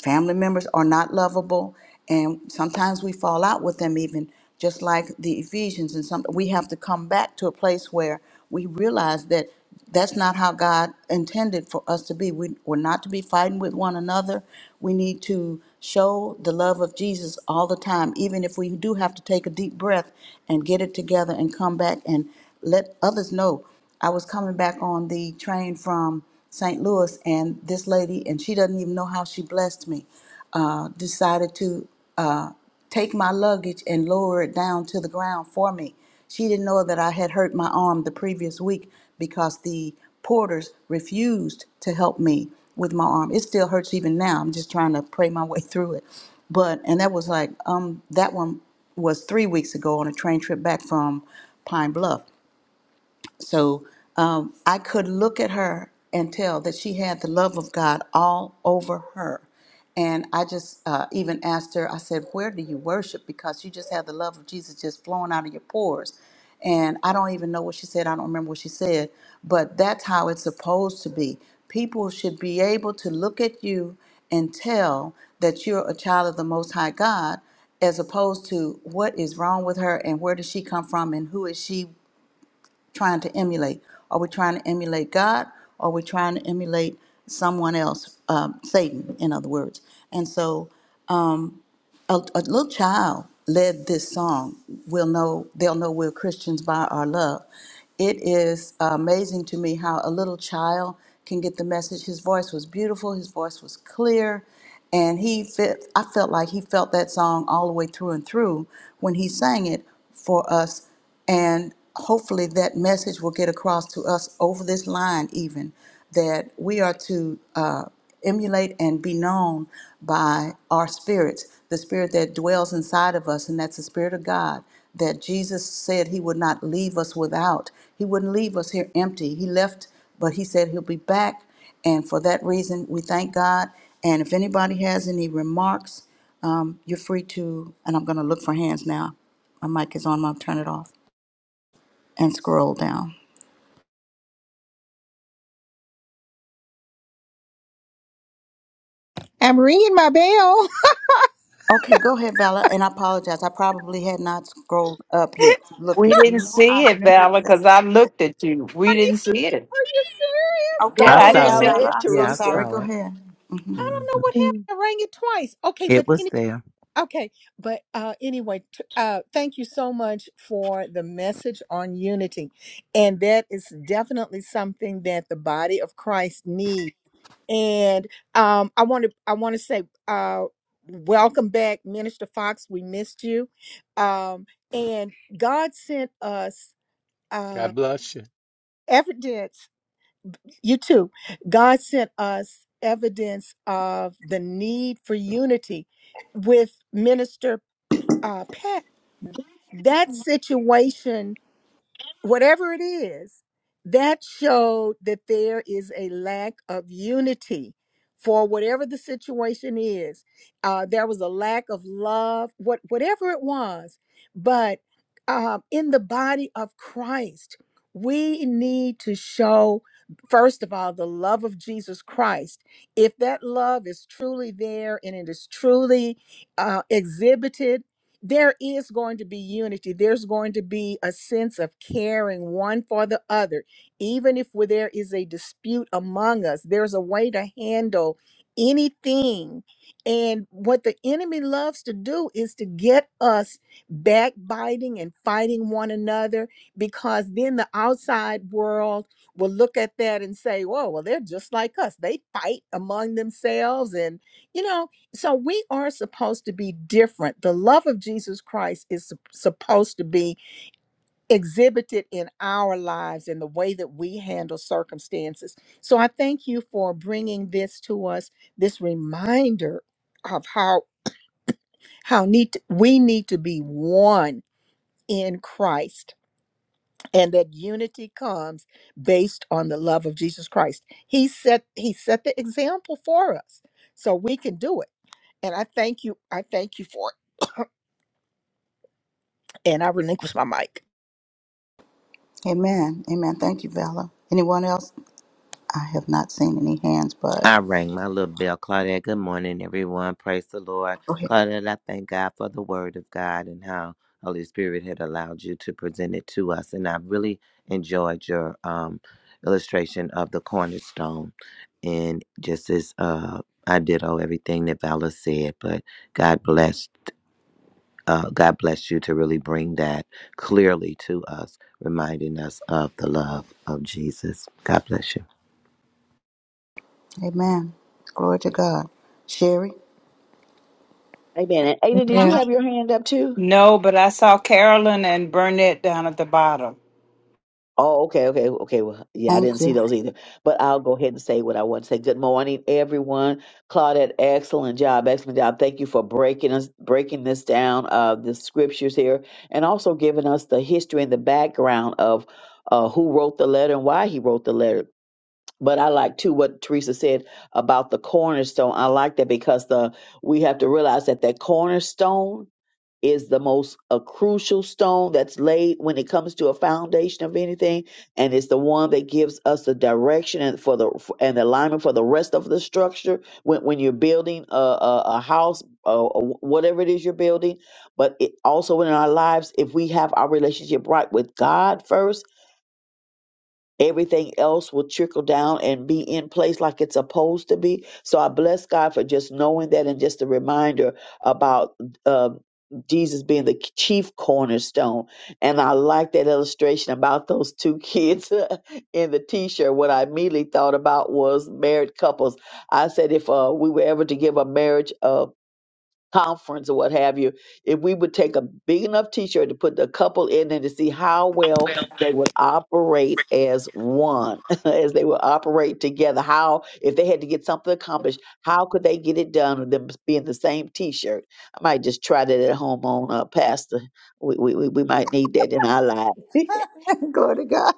family members are not lovable and sometimes we fall out with them even just like the ephesians and some we have to come back to a place where we realize that that's not how god intended for us to be we, we're not to be fighting with one another we need to show the love of jesus all the time even if we do have to take a deep breath and get it together and come back and let others know i was coming back on the train from St. Louis, and this lady, and she doesn't even know how she blessed me, uh, decided to uh, take my luggage and lower it down to the ground for me. She didn't know that I had hurt my arm the previous week because the porters refused to help me with my arm. It still hurts even now. I'm just trying to pray my way through it. But and that was like um that one was 3 weeks ago on a train trip back from Pine Bluff. So um, I could look at her and tell that she had the love of God all over her. And I just uh, even asked her, I said, Where do you worship? Because you just have the love of Jesus just flowing out of your pores. And I don't even know what she said. I don't remember what she said, but that's how it's supposed to be. People should be able to look at you and tell that you're a child of the Most High God as opposed to what is wrong with her and where does she come from and who is she trying to emulate? Are we trying to emulate God? Or are we trying to emulate someone else, um, Satan, in other words? And so a, a little child led this song. We'll know, they'll know we're Christians by our love. It is amazing to me how a little child can get the message. His voice was beautiful, his voice was clear, and he fit, I felt like he felt that song all the way through and through when he sang it for us and hopefully that message will get across to us over this line, even that we are to uh, emulate and be known by our spirits, the spirit that dwells inside of us, and that's the spirit of God that Jesus said he would not leave us without. He wouldn't leave us here empty. He left, but he said he'll be back. And for that reason, we thank God. And if anybody has any remarks, um, you're free to, and I'm going to look for hands now. My mic is on, I'll turn it off and scroll down. I'm ringing my bell. Are Okay, go ahead, Vala, and I apologize. I probably had not scrolled up yet. to Look We at you didn't know see I'm it, Valor, nervous. because I looked at you. We you didn't see it. Are you serious? Okay, I Yeah, I I go Saul, rang it. didn't saw ahead, Valor, see it. Vala. and it. I'm so Yeah, I Teresa. sorry. saw Go it. ahead. hmm I don't know hmm what Mm. happened. I rang it twice. Okay, but It was any, there. okay, but uh, anyway, t- uh, thank you so much for the message on unity, and that is definitely something that the body of Christ needs. and um, I want to I want to say uh, welcome back, Minister Fox. We missed you, um, and God sent us uh, God bless you. evidence. You too. God sent us evidence of the need for unity with Minister uh, Pat. That situation. whatever it is, that showed that there is a lack of unity for whatever the situation is. Uh, there was a lack of love, what whatever it was. But um, in the body of Christ, we need to show, first of all, the love of Jesus Christ. If that love is truly there and it is truly uh, exhibited there is going to be unity. There's going to be a sense of caring one for the other. Even if where there is a dispute among us, there's a way to handle anything. And what the enemy loves to do is to get us backbiting and fighting one another because then the outside world will look at that and say, whoa, well, they're just like us. They fight among themselves and, you know, so we are supposed to be different the love of jesus christ is sup- supposed to be exhibited in our lives in the way that we handle circumstances so i thank you for bringing this to us this reminder of how how need to- we need to be one in christ and that unity comes based on the love of jesus christ he set he set the example for us so we can do it and i thank you i thank you for it and I relinquish my mic. Amen. Amen. Thank you, Vala. Anyone else? I have not seen any hands, but I rang my little bell. Claudette, good morning, everyone. Praise the Lord. go ahead. Claudette, I thank God for the word of God and how Holy Spirit had allowed you to present it to us. And I really enjoyed your um, illustration of the cornerstone. And just as uh, I ditto everything that Vala said, but God bless. Uh, God bless you to really bring that clearly to us, reminding us of the love of Jesus. God bless you. Amen. Glory to God. Sherry, Amen. And Ada, did you have your hand up too? No, but I saw Carolyn and Burnett down at the bottom. Oh, okay, okay, okay. Well, yeah, I thank didn't see you. those either. But I'll go ahead and say what I want to say. Good morning, everyone. Claudette, excellent job, excellent job. Thank you for breaking us breaking this down, uh, the scriptures here, and also giving us the history and the background of uh, who wrote the letter and why he wrote the letter. But I like too what Teresa said about the cornerstone. I like that because the we have to realize that that cornerstone is the most a crucial stone that's laid when it comes to a foundation of anything and it's the one that gives us the direction and for the and the alignment for the rest of the structure when, when you're building a, a, a house or whatever it is you're building but it also in our lives if we have our relationship right with god first everything else will trickle down and be in place like it's supposed to be. So I bless God for just knowing that and just a reminder about uh, Jesus being the chief cornerstone. And I like that illustration about those two kids in the t shirt. What I immediately thought about was married couples. I said, if uh, we were ever to give a marriage, uh, conference or what have you, if we would take a big enough t-shirt to put the couple in and to see how well But they would operate as one, as they would operate together, how if they had to get something accomplished, how could they get it done with them being the same t-shirt? I might just try that at home on uh, pastor. We, we we we might need that in our lives. Glory to God.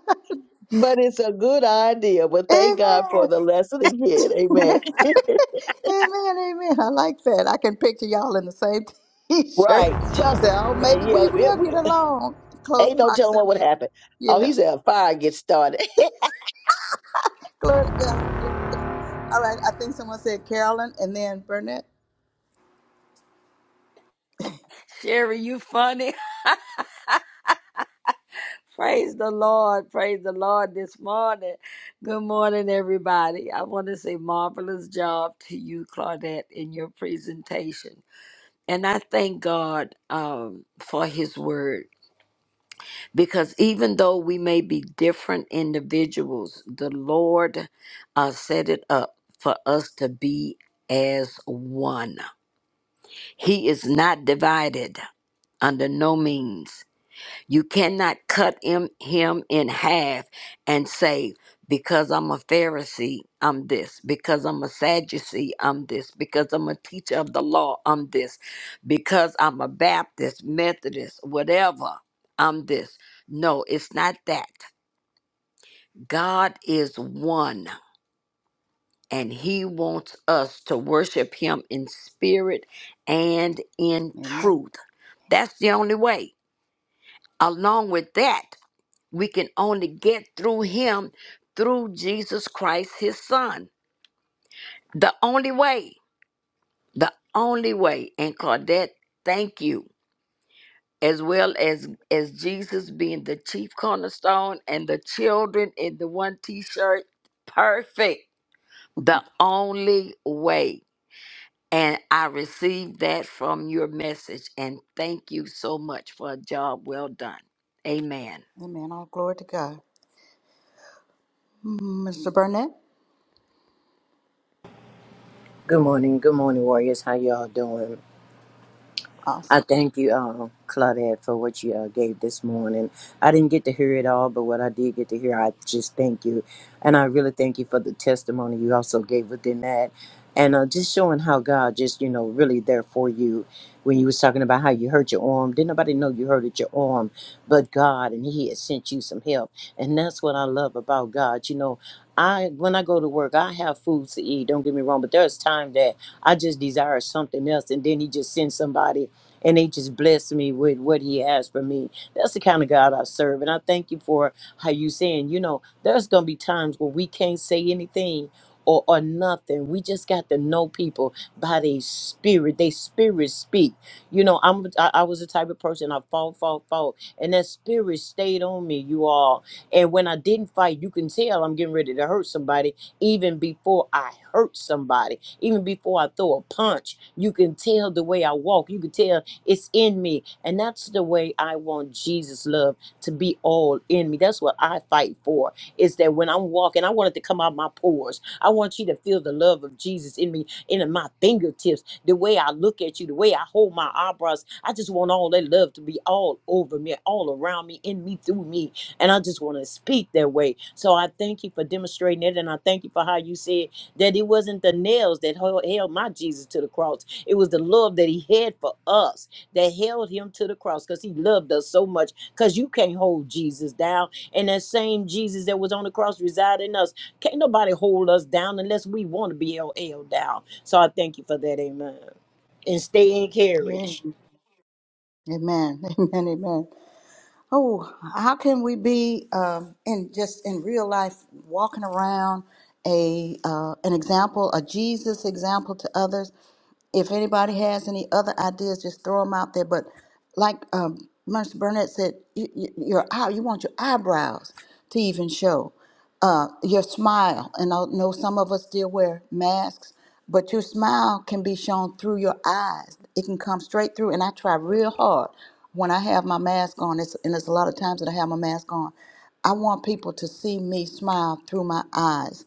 but it's a good idea. But thank God for Amen. the lesson again. Amen. Amen, amen. I like that. I can picture y'all in the same t-shirt Right. Tell and say, some, "Oh, maybe yeah, we yeah, will we, get along." Close Ain't no telling what would proximity. happen. Oh, he Yeah. said a fire gets started. Glory to God. Glory to God. All right. I think someone said Carolyn, and then Burnett. Sherry, you funny. Praise the Lord. Praise the Lord this morning. Good morning, everybody. I want to say marvelous job to you, Claudette, in your presentation. And I thank God um, for his word because even though we may be different individuals, the Lord uh, set it up for us to be as one. He is not divided under no means. You cannot cut him, him in half and say, because I'm a Pharisee, I'm this. Because I'm a Sadducee, I'm this. Because I'm a teacher of the law, I'm this. Because I'm a Baptist, Methodist, whatever, I'm this. No, it's not that. God is one, and He wants us to worship Him in spirit and in Amen. truth. That's the only way. Along with that, We can only get through him through Jesus Christ, his son. The only way, the only way. And Claudette, thank you. As well as as Jesus being the chief cornerstone and the children in the one t-shirt. Perfect. The only way. And I received that from your message. And thank you so much for a job well done. Amen. Amen. All glory to God. Mm, Mr. Burnett. Good morning, good morning, warriors. How y'all doing? I Awesome. thank you, um, Claudette, for what you uh, gave this morning. I didn't get to hear it all, but what I did get to hear, I just thank you. And I really thank you for the testimony you also gave within that. And uh, just showing how God just, you know, really there for you when you was talking about how you hurt your arm. Didn't nobody know you hurted your arm but God, and he had sent you some help. And that's what I love about God. You know, I when I go to work, I have food to eat. Don't get me wrong, but there's time that I just desire something else, and then he just sends somebody and they just bless me with what he has for me. That's the kind of God I serve. And I thank you for how you saying, you know, there's gonna be times where we can't say anything or, or nothing. We just got to know people by their spirit. They spirit speak. You know, I'm I, I was the type of person I fought, fought, fought, and that spirit stayed on me, you all. And when I didn't fight, you can tell I'm getting ready to hurt somebody even before I hurt somebody, even before I throw a punch. You can tell the way I walk. You can tell it's in me. And that's the way I want Jesus' love to be all in me. That's what I fight for. Is that when I'm walking, I want it to come out my pores. I want you to feel the love of Jesus in me, in my fingertips, the way I look at you, the way I hold my eyebrows. I just want all that love to be all over me, all around me, in me, through me. And I just want to speak that way. So I thank you for demonstrating it. And I thank you for how you said that it wasn't the nails that hel- held my Jesus to the cross. It was the love that he had for us that held him to the cross because he loved us so much because you can't hold jesus down and that same jesus that was on the cross reside in us can't nobody hold us down unless we want to be held held down so i thank you for that amen and stay Amen. encouraged Amen. Amen. Amen. Oh, how can we be um, in just in real life walking around a uh, an example, a Jesus example to others? If anybody has any other ideas, just throw them out there. But like um, Mercer Burnett said, you, you, your eye, you want your eyebrows to even show uh, your smile. And I know some of us still wear masks, but your smile can be shown through your eyes. It can come straight through. And I try real hard when I have my mask on, it's, and there's a lot of times that I have my mask on. I want people to see me smile through my eyes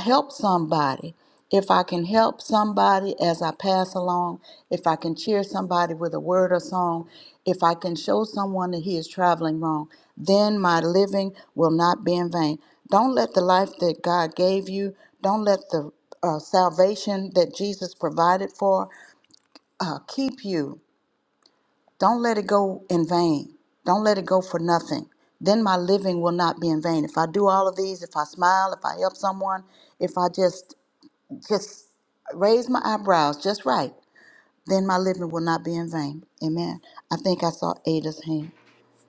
help somebody, if I can help somebody as I pass along, if I can cheer somebody with a word or song, if I can show someone that he is traveling wrong, then my living will not be in vain. Don't let the life that God gave you, don't let the uh, salvation that Jesus provided for uh, keep you. Don't let it go in vain. Don't let it go for nothing. Then my living will not be in vain. If I do all of these, if I smile, if I help someone, if I just just raise my eyebrows just right, then my living will not be in vain. Amen. I think I saw Ada's hand.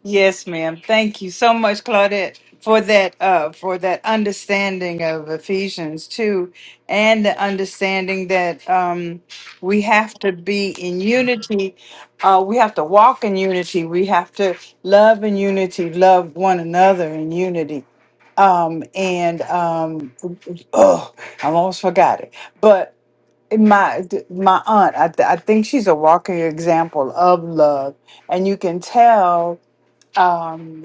Yes, ma'am. Thank you so much, Claudette, for that uh, for that understanding of Ephesians two, and the understanding that um, we have to be in unity. Uh, we have to walk in unity. We have to love in unity. Love one another in unity. Um, and um, oh, I almost forgot it. But my my aunt, I, th- I think she's a walking example of love, and you can tell. Um,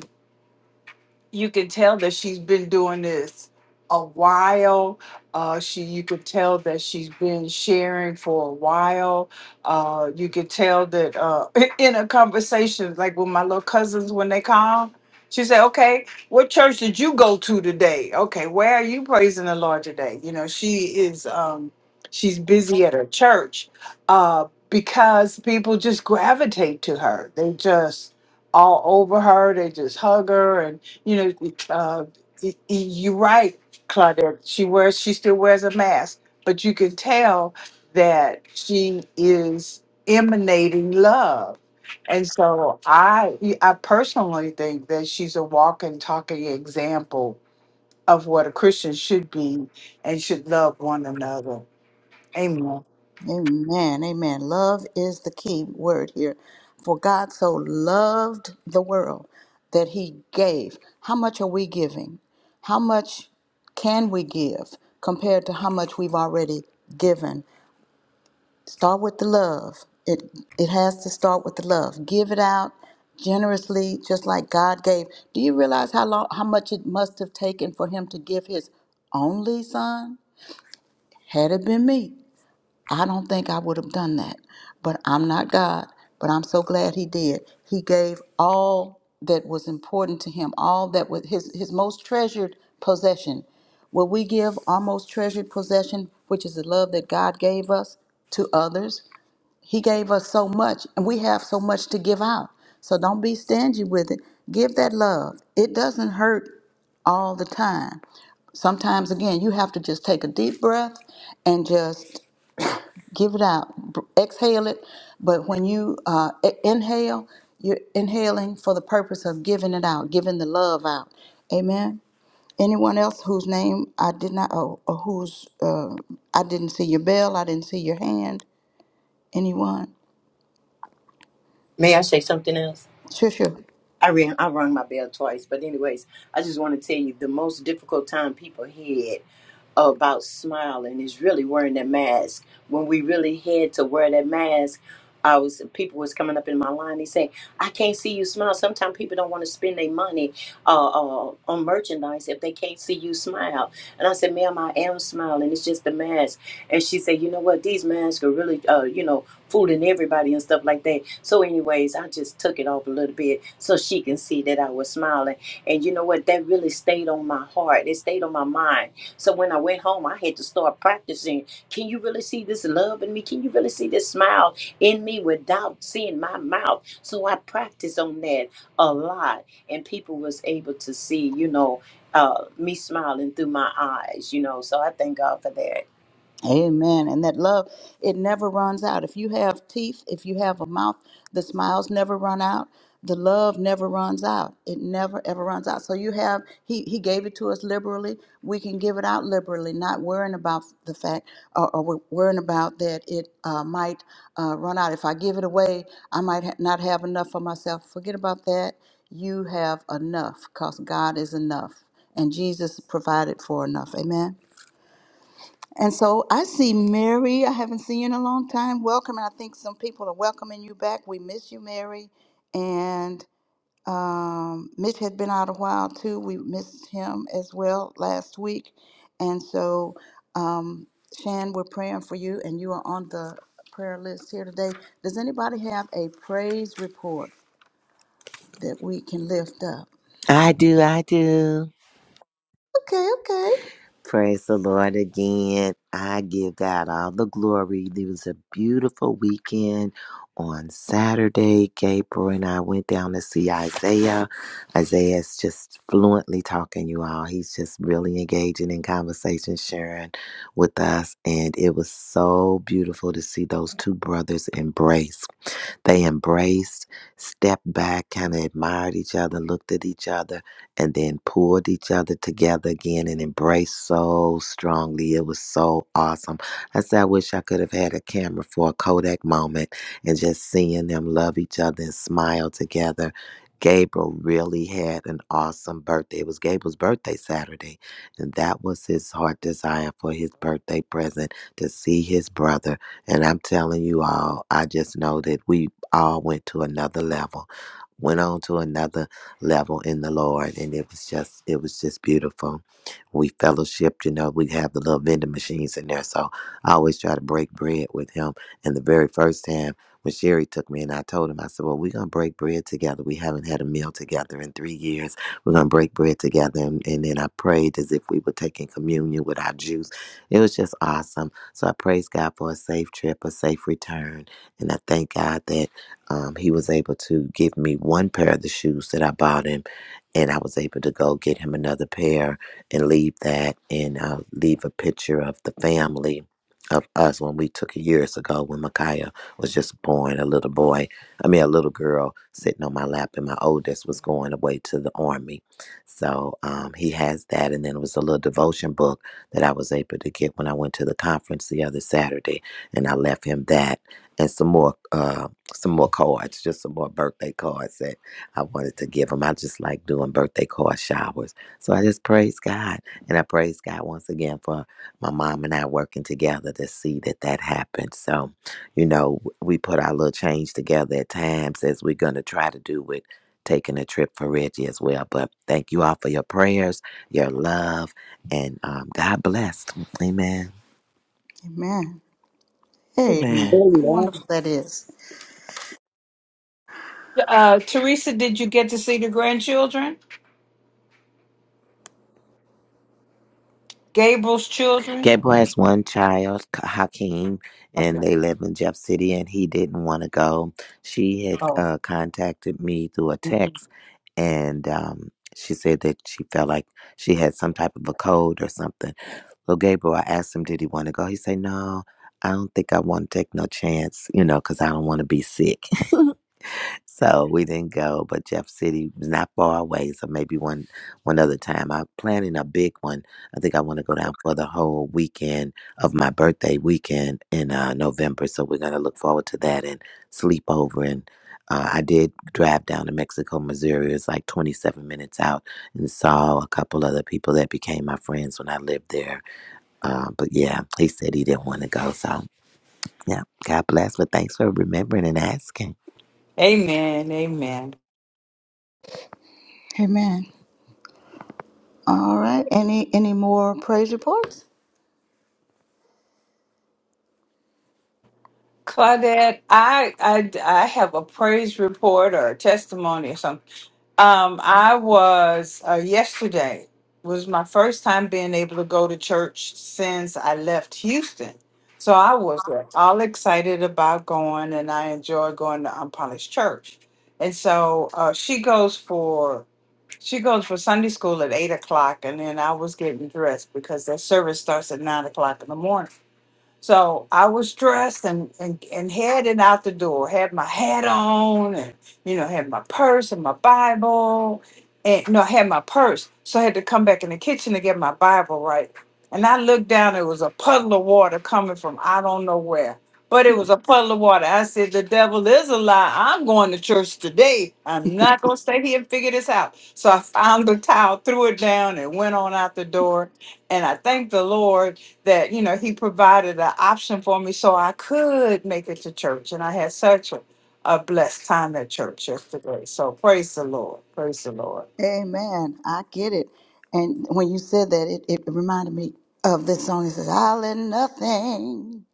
you can tell that she's been doing this a while. Uh, she, you could tell that she's been sharing for a while. Uh, you could tell that uh, in a conversation, like with my little cousins when they come, she said, "Okay, what church did you go to today? Okay, where are you praising the Lord today?" You know, she is. Um, she's busy at her church uh, because people just gravitate to her. They just all over her. They just hug her and you know, uh, y- y- you're right, Claudette. She wears, she still wears a mask, but you can tell that she is emanating love. And so I, I personally think that she's a walking, talking example of what a Christian should be and should love one another. Amen. Amen. Amen. Love is the key word here. For God so loved the world that he gave. How much are we giving? How much can we give compared to how much we've already given? Start with the love. It it has to start with the love. Give it out generously, just like God gave. Do you realize how long, how much it must have taken for Him to give His only Son? Had it been me, I don't think I would have done that. But I'm not God. But I'm so glad He did. He gave all that was important to Him, all that was His His most treasured possession. Will we give our most treasured possession, which is the love that God gave us, to others? He gave us so much, and we have so much to give out. So don't be stingy with it. Give that love. It doesn't hurt all the time. Sometimes, again, you have to just take a deep breath and just give it out, B- exhale it. But when you uh, e- inhale, you're inhaling for the purpose of giving it out, giving the love out. Amen. Anyone else whose name I did not, oh, or whose uh, I didn't see your bell, I didn't see your hand. Anyone? May I say something else? Trisha. I ran, I rang my bell twice, but anyways, I just want to tell you the most difficult time people had about smiling is really wearing that mask. When we really had to wear that mask, I was people was coming up in my line. They say, "I can't see you smile." Sometimes people don't want to spend their money uh, uh, on merchandise if they can't see you smile. And I said, "Ma'am, I am smiling. It's just the mask." And she said, "You know what? These masks are really, uh, you know." fooling everybody and stuff like that. So, anyways, I just took it off a little bit so she can see that I was smiling. And you know what? That really stayed on my heart. It stayed on my mind. So when I went home, I had to start practicing. Can you really see this love in me? Can you really see this smile in me without seeing my mouth? So I practiced on that a lot, and people was able to see, you know, uh, me smiling through my eyes, you know. So I thank God for that. Amen. And that love, it never runs out. If you have teeth, if you have a mouth, the smiles never run out. The love never runs out. It never ever runs out. So you have he he gave it to us liberally. We can give it out liberally, not worrying about the fact or, or we worrying about that it uh, might uh, run out. If I give it away, I might ha- not have enough for myself. Forget about that. You have enough because God is enough, and Jesus provided for enough. Amen. And so I see Mary. I haven't seen you in a long time. Welcome. And I think some people are welcoming you back. We miss you, Mary. And um, Mitch had been out a while too. We missed him as well last week. And so, um, Shan, we're praying for you, and you are on the prayer list here today. Does anybody have a praise report that we can lift up? I do, I do. Okay, okay. Praise the Lord again. I give God all the glory. It was a beautiful weekend on Saturday. Gabriel and I went down to see Isaiah. Isaiah's just fluently talking, you all. He's just really engaging in conversation, sharing with us. And it was so beautiful to see those two brothers embrace they embraced, stepped back, kind of admired each other, looked at each other and then pulled each other together again and embraced so strongly. It was so awesome. I said, I wish I could have had a camera for a Kodak moment and just seeing them love each other and smile together. Gabriel really had an awesome birthday. It was Gabriel's birthday Saturday, and that was his heart desire for his birthday present to see his brother. And I'm telling you all, I just know that we all went to another level, went on to another level in the Lord. And it was just, it was just beautiful. We fellowshiped, you know, we have the little vending machines in there. So I always try to break bread with him. And the very first time when Sherry took me and I told him, I said, well, we're going to break bread together. We haven't had a meal together in three years. We're going to break bread together. And, and then I prayed as if we were taking communion with our juice. It was just awesome. So I praise God for a safe trip, a safe return. And I thank God that um, he was able to give me one pair of the shoes that I bought him, and I was able to go get him another pair and leave that and uh, leave a picture of the family of us when we took it years ago when Micaiah was just born, a little boy, I mean, a little girl sitting on my lap, and my oldest was going away to the army. So um, he has that, and then it was a little devotion book that I was able to get when I went to the conference the other Saturday, and I left him that and some more. Um, some more cards, just some more birthday cards that I wanted to give them. I just like doing birthday card showers. So I just praise God. And I praise God once again for my mom and I working together to see that that happened. So, you know, we put our little change together at times as we're going to try to do with taking a trip for Reggie as well. But thank you all for your prayers, your love, and um, God bless. Amen. Amen. Amen. Amen. How Amen. wonderful that is. Uh, Teresa, did you get to see the grandchildren? Gabriel's children? Gabriel has one child, Hakeem, Okay. and they live in Jeff City, and he didn't want to go. She had Oh, uh, contacted me through a text, and um, she said that she felt like she had some type of a cold or something. So, Gabriel, I asked him, did he want to go? He said, no, I don't think I want to take no chance, you know, because I don't want to be sick. So we didn't go, but Jeff City was not far away. So maybe one one other time. I'm planning a big one. I think I want to go down for the whole weekend of my birthday weekend in uh, November. So we're gonna look forward to that and sleep over. And uh, I did drive down to Mexico, Missouri. It's like 27 minutes out, and saw a couple other people that became my friends when I lived there. Uh, but yeah, he said he didn't want to go. So yeah, God bless. But thanks for remembering and asking. amen. Amen. Amen. All right. Any any more praise reports? Claudette, I, I, I have a praise report or a testimony or something. Um, I was uh, yesterday was my first time being able to go to church since I left Houston. So I was uh, all excited about going, and I enjoy going to Unpolished Church. And so uh, she goes for she goes for Sunday school at eight o'clock, and then I was getting dressed because their service starts at nine o'clock in the morning. So I was dressed and, and, and heading out the door, had my hat on and, you know, had my purse and my Bible and no, I had my purse. So I had to come back in the kitchen to get my Bible right. And I looked down, it was a puddle of water coming from I don't know where, but it was a puddle of water. I said, the devil is a lie. I'm going to church today. I'm not going to stay here and figure this out. So I found the towel, threw it down and went on out the door. And I thanked the Lord that you know he provided an option for me so I could make it to church, and I had such a, a blessed time at church yesterday. So praise the Lord, praise the Lord. Amen. I get it. And when you said that, it, it reminded me of this song. It says, "I will let nothing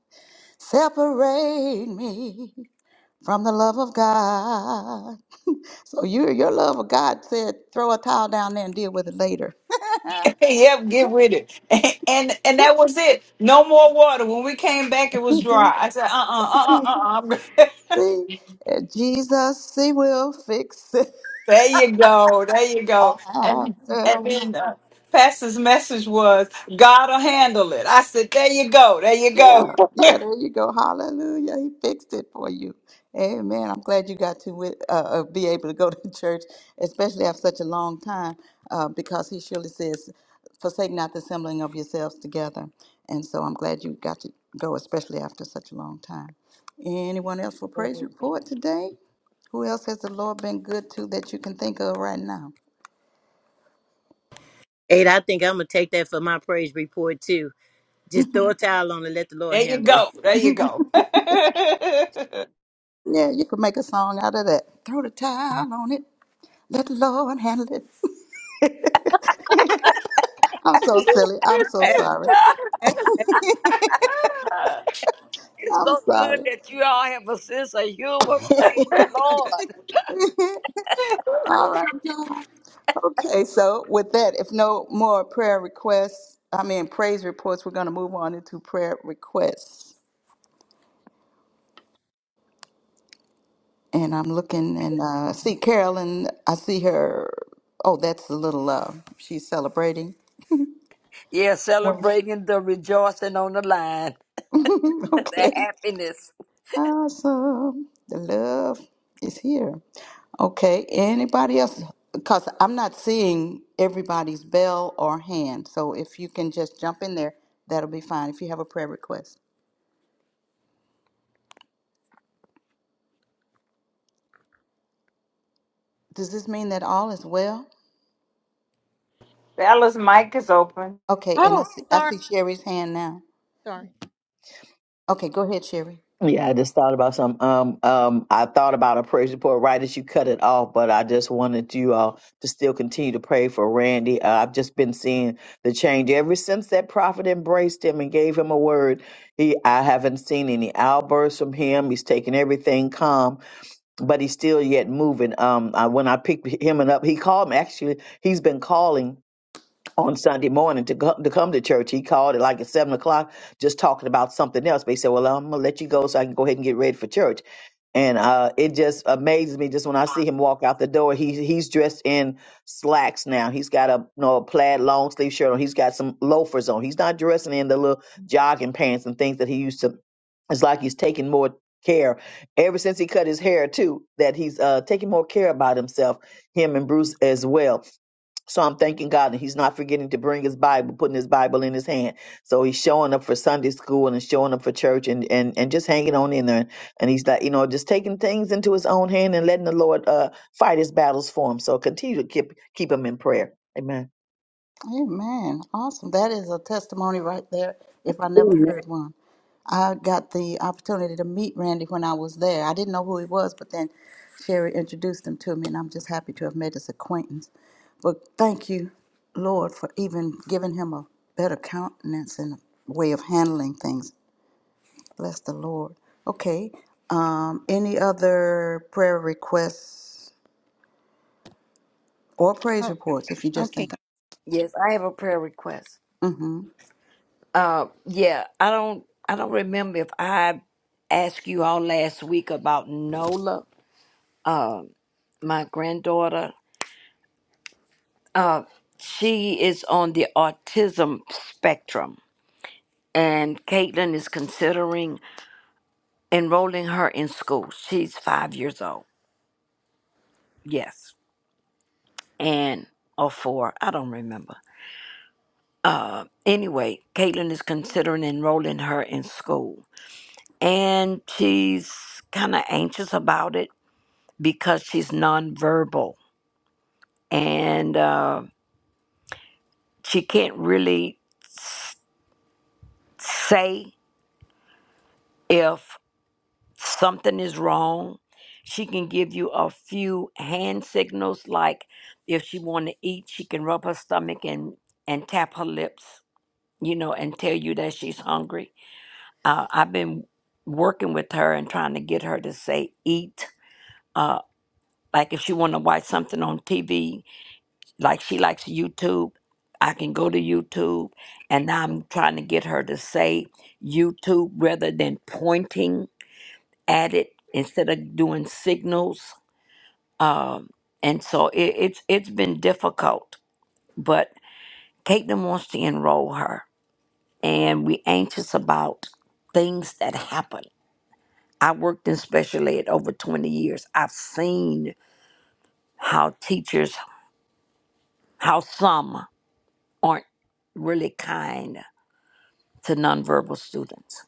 separate me from the love of God." So you, your love of God said, "Throw a towel down there and deal with it later." yep, get with it. And and that was it. No more water. When we came back, it was dry. I said, uh uh-uh, uh uh uh uh. See, Uh, Jesus, He will fix it. There you go, there you go. And and then uh, Pastor's message was, God'll handle it. I said, there you go, there you go, Yeah, yeah, there you go. Hallelujah. He fixed it for you. Amen. I'm glad you got to with, uh, uh, be able to go to church, especially after such a long time, uh, because he surely says, forsake not the assembling of yourselves together. And so I'm glad you got to go, especially after such a long time. Anyone else for praise report today? Who else has the Lord been good to that you can think of right now? And I think I'm gonna take that for my praise report too. Just throw a towel on and let the Lord there you handle it. go, there you go. Yeah, you could make a song out of that. Throw the towel on it. Let the Lord handle it. I'm so silly. I'm so sorry. Ah, It's I'm so good sorry. that you all have a sense of humor. Praise the Lord. All right, God. Okay, so with that, if no more prayer requests, I mean praise reports, we're going to move on into prayer requests. And I'm looking and uh, see Carolyn. I see her. Oh, that's a little. Uh, she's celebrating. Yeah, When? celebrating the rejoicing on the line, the okay. happiness. Awesome. The love is here. Okay, anybody else? Because I'm not seeing everybody's bell or hand. So if you can just jump in there, that'll be fine if you have a prayer request. Does this mean that all is well? Bella's mic is open. Okay, and I Oh, see, I sorry, see Sherry's hand now. sorry. Okay, go ahead, Sherry. Yeah, I just thought about some. Um, um, I thought about a praise report right as you cut it off, but I just wanted you all to still continue to pray for Randy. Uh, I've just been seeing the change ever since that prophet embraced him and gave him a word. He, I haven't seen any outbursts from him. He's taking everything calm, but he's still yet moving. Um, I, when I picked him up, he called me. Actually, he's been calling on Sunday morning to go, to come to church. He called at like at seven o'clock, just talking about something else. But he said, "Well, I'm gonna let you go so I can go ahead and get ready for church." And uh, it just amazes me just when I see him walk out the door. He he's dressed in slacks now. He's got a you know a plaid long sleeve shirt on. He's got some loafers on. He's not dressing in the little jogging pants and things that he used to it's like he's taking more care ever since he cut his hair too that he's uh taking more care about himself him and bruce as well so I'm thanking God that he's not forgetting to bring his Bible, putting his Bible in his hand. So he's showing up for Sunday school and showing up for church and, and, and just hanging on in there. And he's like, you know, just taking things into his own hand and letting the Lord uh, fight his battles for him. So continue to keep keep him in prayer. Amen. Amen. Awesome. That is a testimony right there, if I never heard one. I got the opportunity to meet Randy when I was there. I didn't know who he was, but then Sherry introduced him to me, and I'm just happy to have made his acquaintance. But thank you, Lord, for even giving him a better countenance and a way of handling things. Bless the Lord. Okay. Um, any other prayer requests or praise Oh, reports if you just think. okay, Yes, I have a prayer request. Mm-hmm. Uh, yeah, I don't, I don't remember if I asked you all last week about Nola, my granddaughter. Uh, she is on the autism spectrum, and Caitlin is considering enrolling her in school. She's five years old. Yes. and or four, I don't remember. Anyway, Caitlin is considering enrolling her in school, and she's kind of anxious about it because she's nonverbal and uh, she can't really s- say if something is wrong. She can give you a few hand signals, like if she want to eat, she can rub her stomach and and tap her lips, you know, and tell you that she's hungry uh, I've been working with her and trying to get her to say eat. Uh, like if she want to watch something on TV, like she likes YouTube, I can go to YouTube. And now I'm trying to get her to say YouTube rather than pointing at it instead of doing signals. Um, and so it, it's it's been difficult, but Caitlin wants to enroll her, and we anxious about things that happen I worked in special ed over 20 years. I've seen how teachers, how some aren't really kind to nonverbal students.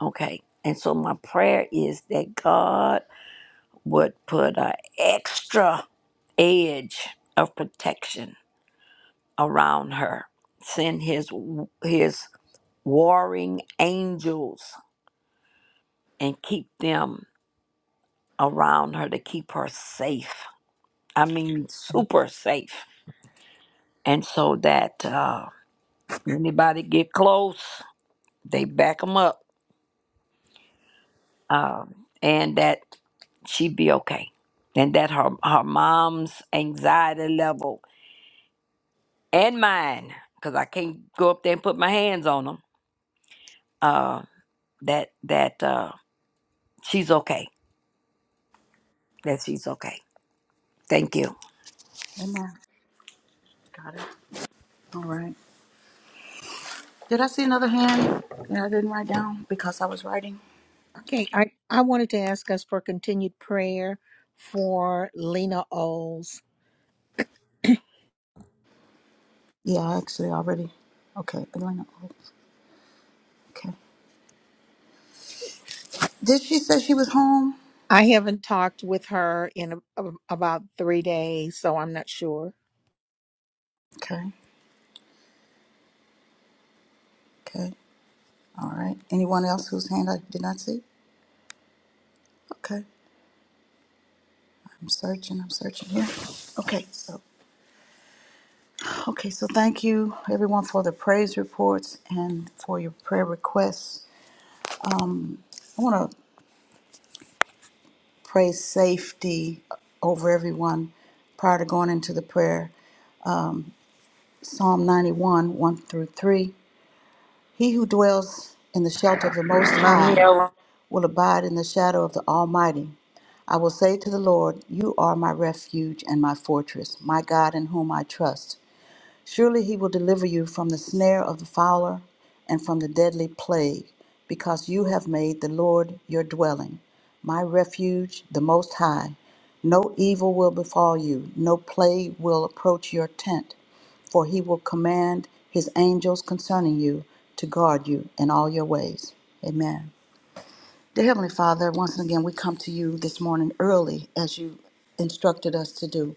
Okay. And so my prayer is that God would put an extra edge of protection around her, send his, his warring angels and keep them around her to keep her safe. I mean, super safe and so that uh, anybody get close, they back them up, um, and that she would be okay, and that her her mom's anxiety level and mine, because I can't go up there and put my hands on them. Uh, that that uh, she's okay. That she's okay. Thank you. Amen. Got it. All right. Did I see another hand that I didn't write down because I was writing? okay. I I wanted to ask us for continued prayer for Lena Oles. Yeah, I actually already. Okay, Elena. oh, Okay. Did she say she was home? I haven't talked with her in a, a- about three days, so I'm not sure. Okay. Okay. All right. Anyone else whose hand I did not see? Okay. I'm searching. I'm searching here. Okay. So. Okay. So thank you everyone for the praise reports and for your prayer requests. I want to pray safety over everyone prior to going into the prayer. Psalm 91, 1 through 3. He who dwells in the shelter of the Most Nami High awa will abide in the shadow of the Almighty. I will say to the Lord, You are my refuge and my fortress, my God in whom I trust. Surely he will deliver you from the snare of the fowler and from the deadly plague, because you have made the Lord your dwelling, my refuge, the Most High. No evil will befall you, no plague will approach your tent, for he will command his angels concerning you to guard you in all your ways. Amen. Dear Heavenly Father, once again, we come to you this morning early as you instructed us to do.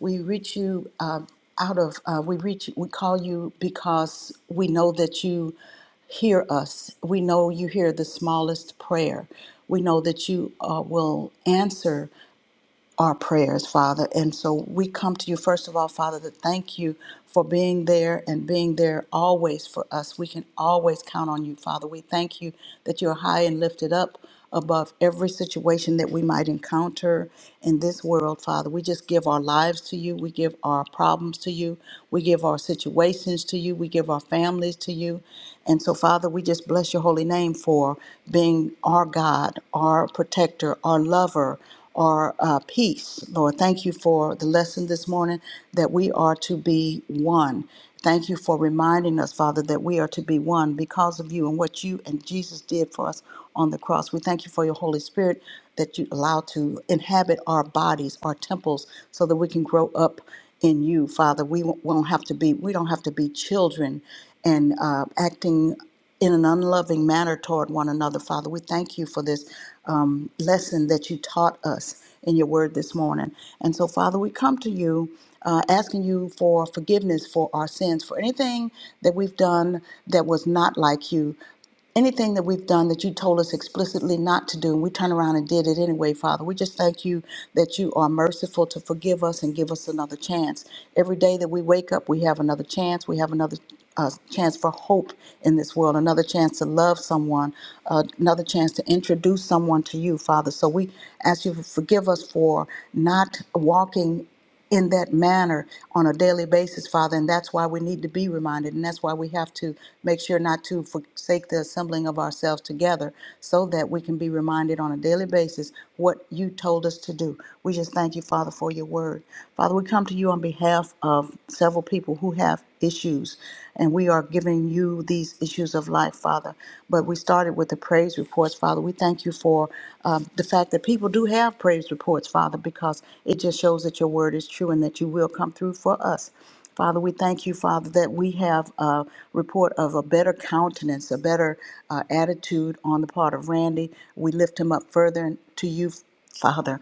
We reach you uh, out of, uh, we reach, we call you because we know that you hear us. We know you hear the smallest prayer. We know that you uh, will answer our prayers, Father. And so we come to you, first of all, Father, to thank you for being there and being there always for us. We can always count on you, Father. We thank you that you're high and lifted up above every situation that we might encounter in this world, Father. We just give our lives to you. We give our problems to you. We give our situations to you. We give our families to you. And so, Father, we just bless your holy name for being our God, our protector, our lover are uh, peace. Lord, thank you for the lesson this morning that we are to be one. Thank you for reminding us, Father, that we are to be one because of you and what you and Jesus did for us on the cross. We thank you for your Holy Spirit that you allow to inhabit our bodies, our temples, so that we can grow up in you, Father. We won't won't have to be we don't have to be children and uh, acting in an unloving manner toward one another. Father, we thank you for this um, lesson that you taught us in your word this morning. And so, Father, we come to you. Uh, asking you for forgiveness for our sins, for anything that we've done that was not like you, anything that we've done that you told us explicitly not to do, and we turn around and did it anyway, Father. We just thank you that you are merciful to forgive us and give us another chance. Every day that we wake up, we have another chance. We have another uh, chance for hope in this world, another chance to love someone, uh, another chance to introduce someone to you, Father. So we ask you to forgive us for not walking in that manner on a daily basis, Father. And that's why we need to be reminded. And that's why we have to make sure not to forsake the assembling of ourselves together so that we can be reminded on a daily basis what you told us to do. We just thank you, Father, for your word. Father, we come to you on behalf of several people who have issues, and we are giving you these issues issues of life, Father. But we started with the praise reports, Father. We thank you for um, the fact that people do have praise reports, Father, because it just shows that your word is true and that you will come through for us. Father, we thank you, Father, that we have a report of a better countenance, a better uh, attitude on the part of Randy. We lift him up further to you, Father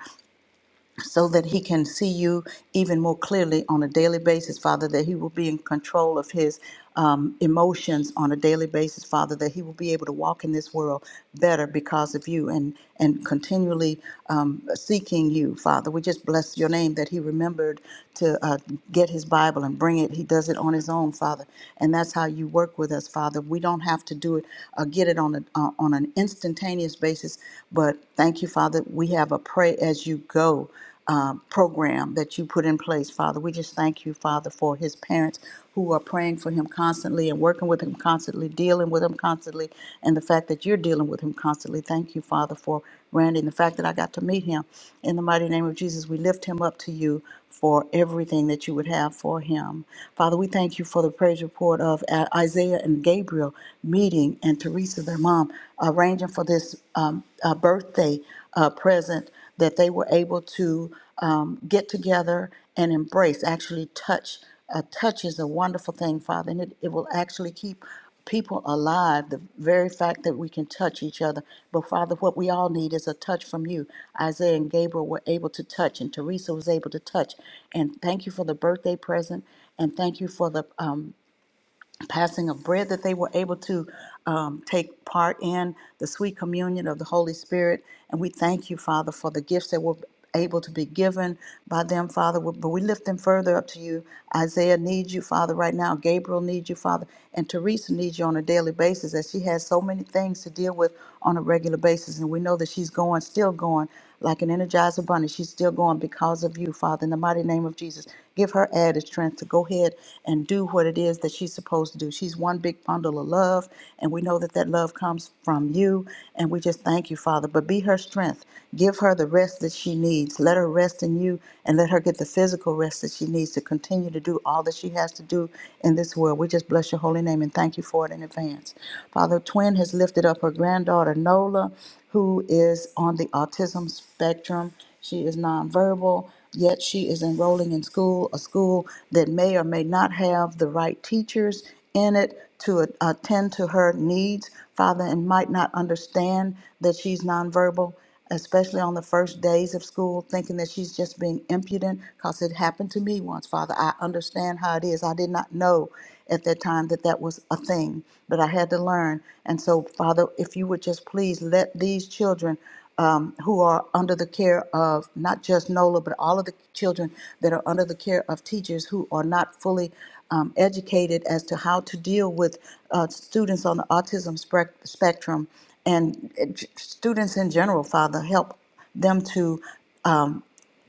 so that he can see you even more clearly on a daily basis, Father, that he will be in control of his um, emotions on a daily basis, Father, that he will be able to walk in this world better because of you and, and continually um, seeking you, Father. We just bless your name that he remembered to uh, get his Bible and bring it. He does it on his own, Father. And that's how you work with us, Father. We don't have to do it, uh, get it on, a, uh, on an instantaneous basis, but thank you, Father. We have a pray as you go um, program that you put in place, Father. We just thank you, Father, for his parents who are praying for him constantly and working with him constantly, dealing with him constantly, and the fact that you're dealing with him constantly. Thank you, Father, for Randy and the fact that I got to meet him. In the mighty name of Jesus, we lift him up to you for everything that you would have for him. Father, we thank you for the praise report of uh, Isaiah and Gabriel meeting and Teresa, their mom, arranging for this um, uh, birthday uh, present that they were able to um, get together and embrace, actually touch. A touch is a wonderful thing, Father, and it, it will actually keep people alive. The very fact that we can touch each other. But Father, what we all need is a touch from you. Isaiah and Gabriel were able to touch, and Teresa was able to touch. And thank you for the birthday present, and thank you for the um, passing of bread that they were able to um, take part in the sweet communion of the Holy Spirit. And we thank you, Father, for the gifts that were able to be given by them, Father. But we lift them further up to you. Isaiah needs you, Father, right now. Gabriel needs you, Father. And Teresa needs you on a daily basis as she has so many things to deal with on a regular basis. And we know that she's going, still going, like an energizer bunny. She's still going because of because of you, Father, in the mighty name of Jesus. Give her added strength to go ahead and do what it is that she's supposed to do. She's one big bundle of love, and we know that that love comes from you, and we just thank you, Father. But be her strength. Give her the rest that she needs. Let her rest in you, and let her get the physical rest that she needs to continue to do all that she has to do in this world. We just bless your holy name and thank you for it in advance. Father, Twin has lifted up her granddaughter, Nola, who is on the autism spectrum. She is nonverbal, yet she is enrolling in school, a school that may or may not have the right teachers in it to a- attend to her needs, Father, and might not understand that she's nonverbal especially on the first days of school, thinking that she's just being impudent because it happened to me once, Father. I understand how it is. I did not know at that time that that was a thing, but I had to learn. And so, Father, if you would just please let these children um, who are under the care of not just NOLA, but all of the children that are under the care of teachers who are not fully um, educated as to how to deal with uh, students on the autism spec- spectrum and uh, j- students in general, Father, help them to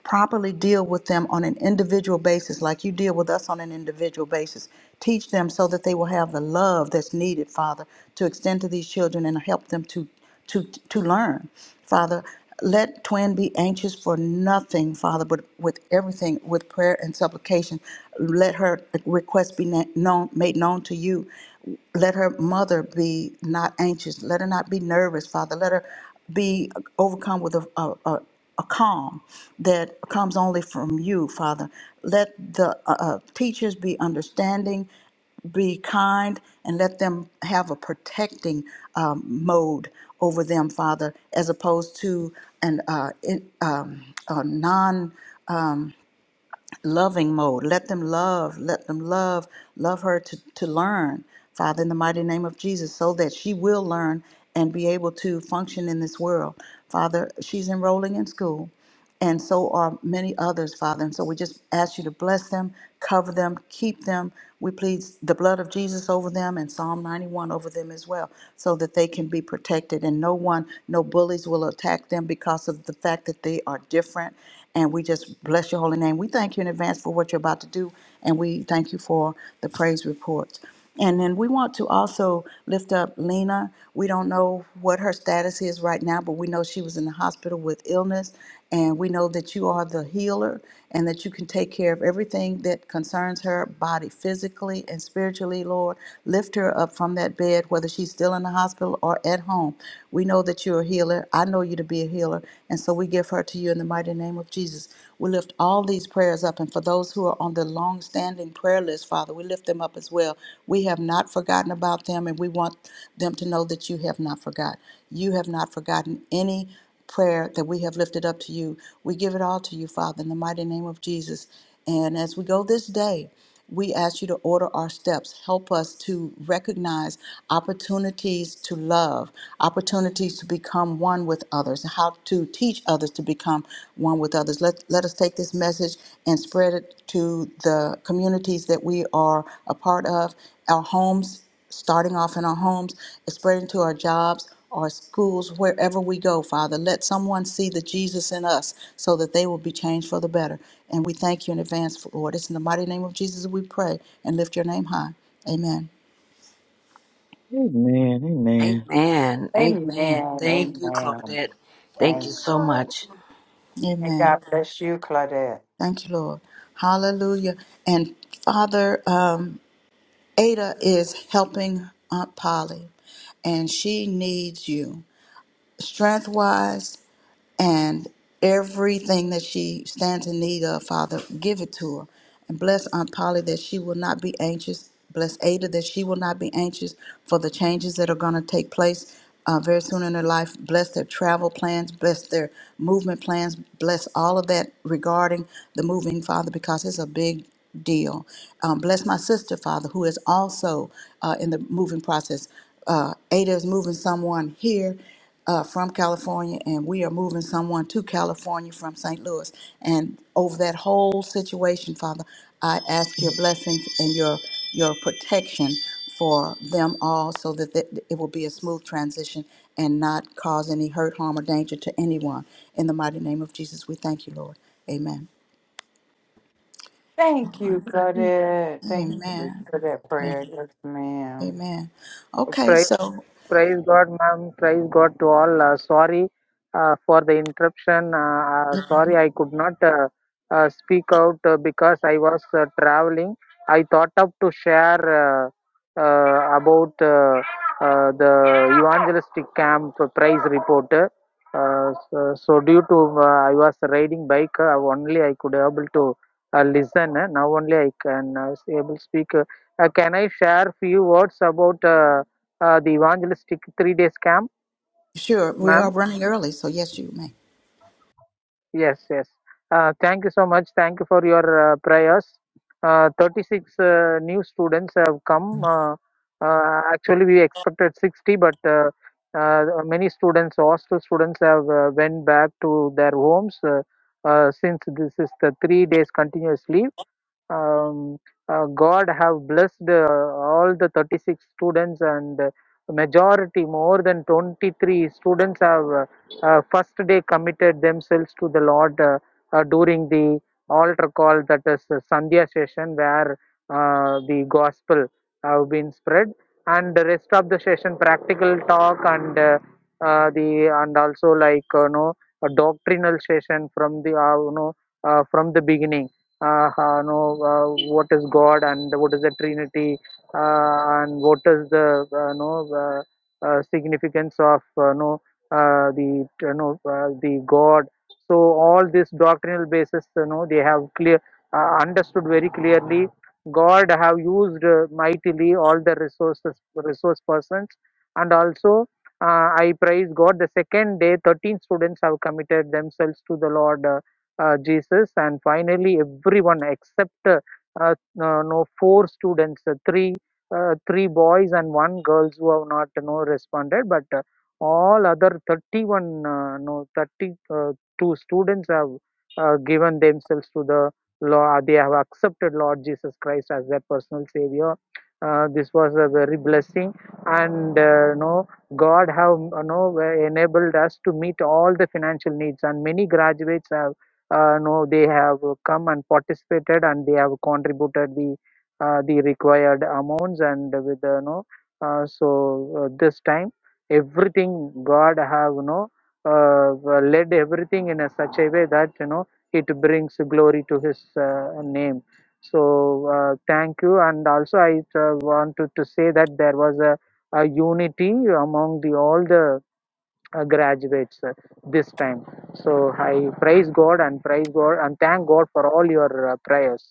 properly deal with them on an individual basis, like you deal with us on an individual basis. Teach them so that they will have the love that's needed, Father, to extend to these children and help them to to to learn, Father. Let Twin be anxious for nothing, Father, but with everything, with prayer and supplication. Let her request be na- known, made known to you. Let her mother be not anxious. Let her not be nervous, Father. Let her be overcome with a, a, a calm that comes only from you, Father. Let the uh, uh, teachers be understanding, be kind, and let them have a protecting um, mode over them, Father, as opposed to an uh, in, um, a non loving mode. Let them love, let them love, love her to, to learn, Father, in the mighty name of Jesus, so that she will learn and be able to function in this world. Father, she's enrolling in school, and so are many others, Father. And so we just ask you to bless them, cover them, keep them. We plead the blood of Jesus over them and Psalm 91 over them as well, so that they can be protected and no one, no bullies will attack them because of the fact that they are different and we just bless your holy name. We thank you in advance for what you're about to do. And we thank you for the praise reports. And then we want to also lift up Lena. We don't know what her status is right now, but we know she was in the hospital with illness. And we know that you are the healer and that you can take care of everything that concerns her body physically and spiritually, Lord. Lift her up from that bed, whether she's still in the hospital or at home. We know that you're a healer. I know you you to be a healer. And so we give her to you in the mighty name of Jesus. We lift all these prayers up. And for those who are on the long standing prayer list, Father, we lift them up as well. We have not forgotten about them, and we want them to know that you have not forgotten. You have not forgotten any prayer that we have lifted up to you. We give it all to you, Father, in the mighty name of Jesus. And as we go this day, we ask you to order our steps. Help us to recognize opportunities to love, opportunities to become one with others, how to teach others to become one with others. Let, let us take this message and spread it to the communities that we are a part of, our homes starting off in our homes, spreading to our jobs, our schools, wherever we go, Father. Let someone see the Jesus in us so that they will be changed for the better. And we thank you in advance, for Lord. It's in the mighty name of Jesus we pray and lift your name high. Amen. Amen. Amen. Amen. Amen. Amen. Thank you, Amen. Claudette. Thank you Thank so much. and Amen. God bless you, Claudette. Thank you, Lord. Hallelujah. And Father, um, Ada is helping Aunt Polly, and she needs you strength wise and everything that she stands in need of, Father, give it to her. And bless Aunt Polly that she will not be anxious. Bless Ada that she will not be anxious for the changes that are going to take place uh, very soon in her life. Bless their travel plans. Bless their movement plans. Bless all of that regarding the moving, Father, because it's a big deal. Um, bless my sister, Father, who is also uh, in the moving process. Uh, Ada is moving someone here uh, from California, and we are moving someone to California from St. Louis. And over that whole situation, Father, I ask your blessings and your your protection for them all, so that th- it will be a smooth transition and not cause any hurt, harm, or danger to anyone. In the mighty name of Jesus, we thank you, Lord. Amen. Thank you, Claudette. Thank you Amen. for that Amen. prayer. Yes, ma'am. Amen. Okay, so Praise God, ma'am. Praise God to all. Uh, sorry uh, for the interruption. Uh, uh, sorry, I could not uh, uh, speak out uh, because I was uh, traveling. I thought of to share uh, uh, about uh, uh, the evangelistic camp prize report. Uh, so, so due to uh, I was riding bike, uh, only I could able to uh, listen. Uh, Now only I can uh, able speak. Uh, can I share few words about? Uh, uh, the evangelistic three days camp, sure we are ma'am. running early, so yes, you may. Yes, yes. Uh, thank you so much. Thank you for your uh, prayers. Uh, 36 uh, new students have come. Uh, uh, actually, we expected 60, but uh, uh, many students, hostel students, have uh, went back to their homes uh, uh, since this is the three days continuous leave um, uh, God have blessed uh, all the 36 students and uh, majority more than 23 students have uh, uh, first day committed themselves to the Lord uh, uh, during the altar call that is the Sandhya session where uh, the gospel have been spread and the rest of the session practical talk and uh, uh, the and also like uh, you know a doctrinal session from the uh, you know uh, from the beginning uh, uh, know uh, what is God and what is the Trinity uh, and what is the uh, know uh, uh, significance of uh, know uh, the you know uh, the God. So all this doctrinal basis, you know, they have clear uh, understood very clearly. God have used uh, mightily all the resources, resource persons, and also uh, I praise God. The second day, thirteen students have committed themselves to the Lord. uh, uh, Jesus, and finally everyone except uh, uh, no no, four students, uh, three uh, three boys and one girls who have not uh, no responded, but uh, all other 31 uh, no 32 students have uh, given themselves to the Lord. They have accepted Lord Jesus Christ as their personal Savior. Uh, this was a very blessing, and uh, no God have you know enabled us to meet all the financial needs, and many graduates have uh, no they have uh, come and participated and they have contributed the uh, the required amounts and with uh, no uh, so uh, this time everything god have no uh, led everything in a such a way that you know it brings glory to his uh, name so uh, thank you and also i uh, wanted to say that there was a, a unity among the all the uh, graduates uh, this time so i praise god and praise god and thank god for all your uh, prayers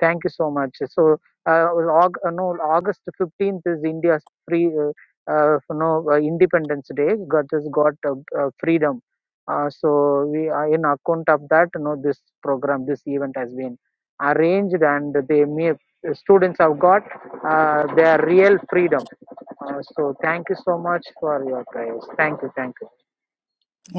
thank you so much so uh, Aug- uh, no august 15th is india's free uh, uh, no uh, independence day god has got uh, uh, freedom uh, so we uh, in account of that you know this program this event has been arranged and they may uh, students have got uh, their real freedom uh, so thank you so much for your prayers thank you thank you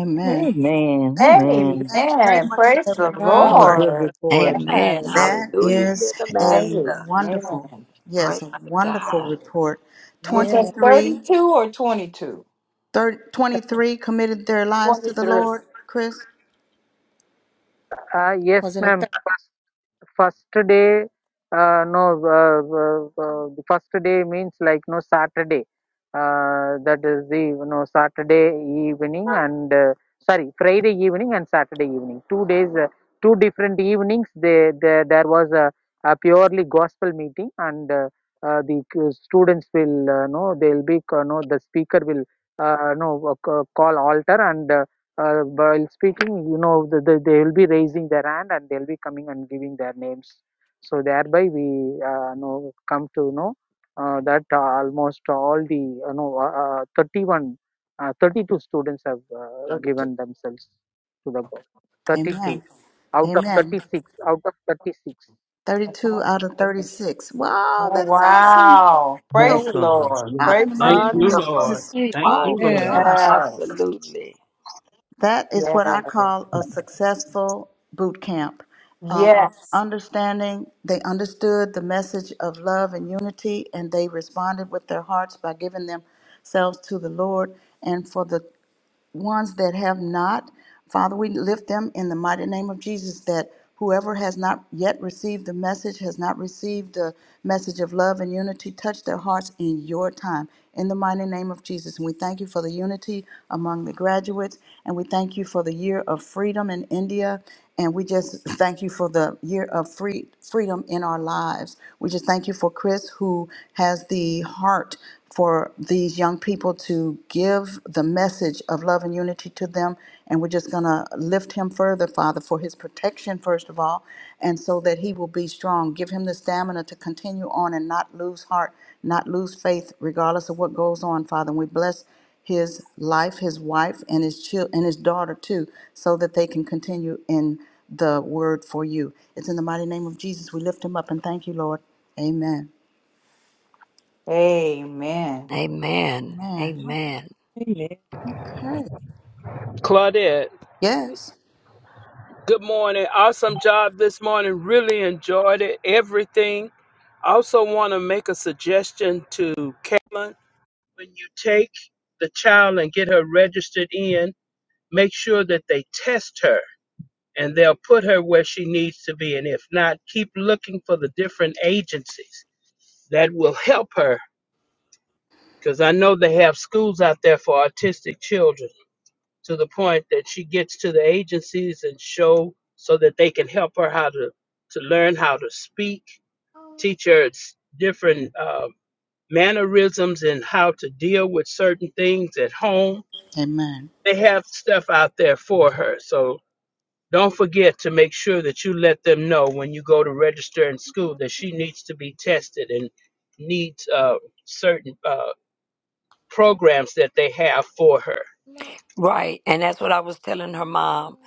Amen. Amen. Thank you. Amen. Thank you so Praise Amen. much for Praise that the God. What a report. good Lord. Yes. report. Amen. That Hallelujah is to the a Master. wonderful, Amen. Praise yes, a wonderful God. report. Was Yeah, that 23, 32 or 22? thirty, twenty-three committed their lives to the 23. Lord, Chris. Uh, yes, wasn't it? ma'am. Thursday? First, first day, uh, no, uh, uh, uh, the first day means like no Saturday. Uh, that is the you know Saturday evening and uh, sorry Friday evening and Saturday evening. Two days, uh, two different evenings. They, they there was a, a purely gospel meeting and uh, uh, the c- students will uh, know they'll be uh, know the speaker will uh, know uh, ca- call altar and. Uh, uh, while speaking, you know, the, the, they will be raising their hand and they'll be coming and giving their names. So thereby we uh, know come to know uh, that uh, almost all the you know uh, uh, 31, uh, 32 students have uh, 32. given themselves to the goal. 32 Amen. out of Amen. 36, out of 36. 32 out of 36. Wow, that is awesome. Wow. Praise So, the Awesome. Lord. Yes. Father, in the Praise the mighty Thank you, name Lord. of Wonderful. Lord. Jesus, Thank you, oh Lord. Wonderful. gosh, Yes. Absolutely. That is what Yeah. I call a successful boot camp. Um, Yes. understanding, they understood the message of love and unity, and they responded with their hearts by giving themselves to the Lord. And for the ones that have not, Father, we lift them in the mighty name of Jesus that whoever has not yet received the message, has not received the message of love and unity, touch their hearts in your time. In the mighty name of Jesus. And we thank you for the unity among the graduates. And we thank you for the year of freedom in India. And we just thank you for the year of free freedom in our lives. We just thank you for Chris, who has the heart for these young people to give the message of love and unity to them. And we're just going to lift him further, Father, for his protection, first of all, and so that he will be strong. Give him the stamina to continue on and not lose heart, not lose faith, regardless of what goes on, Father. And we bless his life, his wife, and his chil- and his daughter too, so that they can continue in the word for you. It's in the mighty name of Jesus we lift him up and thank you, Lord. Amen. Amen. Amen. Amen. Amen. Amen. Okay. Claudette, Yes. good morning. Awesome job this morning. Really enjoyed it. Everything. I also want to make a suggestion to Carolyn. When you take the child and get her registered in, make sure that they test her and they'll put her where she needs to be. And if not, keep looking for the different agencies that will help her because I know they have schools out there for autistic children to the point that she gets to the agencies and show so that they can help her how to, to learn how to speak, teach her different. Um, mannerisms and how to deal with certain things at home. Amen. They have stuff out there for her. So don't forget to make sure that you let them know when you go to register in school that she needs to be tested and needs uh, certain uh, programs that they have for her. Right. And that's what I was telling her mom.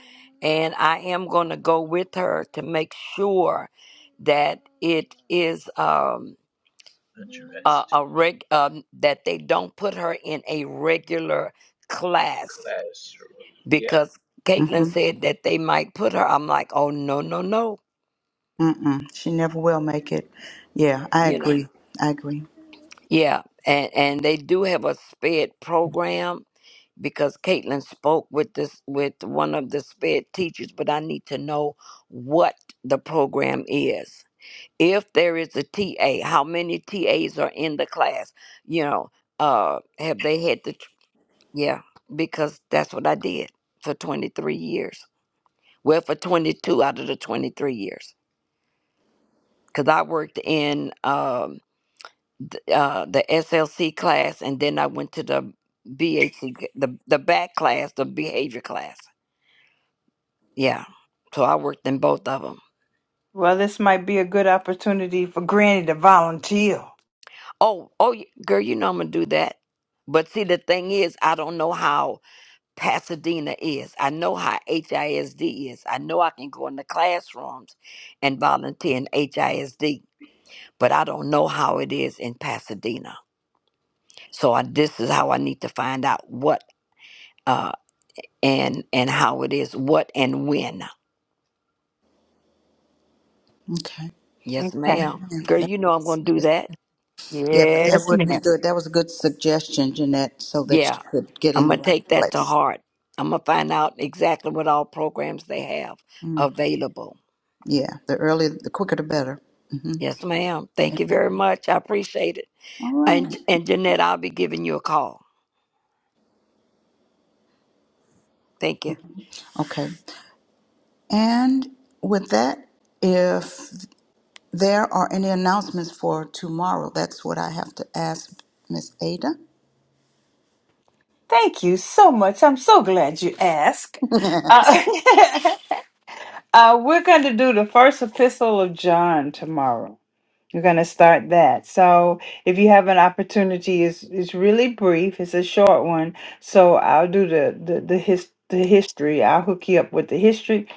And I am going to go with her to make sure that it is um, a, Addressed a reg, um, that they don't put her in a regular class classroom. Yeah. because Caitlin Mm-hmm. said that they might put her. I'm like, oh, no, no, no. Mm-mm. She never will make it. Yeah, I You know, agree. I agree. yeah. And, and they do have a SPED program because Caitlin spoke with this with one of the sped teachers, but I need to know what the program is. If there is a TA, how many TAs are in the class? You know, uh, have they had the tr- yeah? Because that's what I did for 23 years. Well, for 22 out of the 23 years, because I worked in um, th- uh, the SLC class, and then I went to the BAC, the the back class, the behavior class Yeah. So I worked in both of them. Well, this might be a good opportunity for Granny to volunteer. Oh, oh, y- girl, you know I'm gonna do that. But see, the thing is, I don't know how Pasadena is. I know how HISD is. I know I can go in the classrooms and volunteer in HISD, but I don't know how it is in Pasadena. So I, this is how I need to find out what uh and and how it is, what and when. Okay. Yes, Okay. ma'am. Yeah, Girl, that you know I'm Yes, gonna do is- that. yeah, but that yes would be ma'am. good. That was a good suggestion, Jeanette, so that she Yeah. could get I'm in the going to right take that to place. heart. I'm going to find out exactly what all programs they have Mm. available. Yeah, the earlier, the quicker, the better. hmm Yes, ma'am. Thank you Amen. very much. I appreciate it. All right. And, and Jeanette, I'll be giving you a call. Thank you. Okay. And with that, if there are any announcements for tomorrow, that's what I have to ask Miss Ada. Thank you so much. I'm so glad you asked. Uh, uh, we're going to do the first epistle of John tomorrow. We're going to start that. So, if you have an opportunity, it's, it's really brief, it's a short one. So, I'll do the, the, the, his, the history. I'll hook you up with the history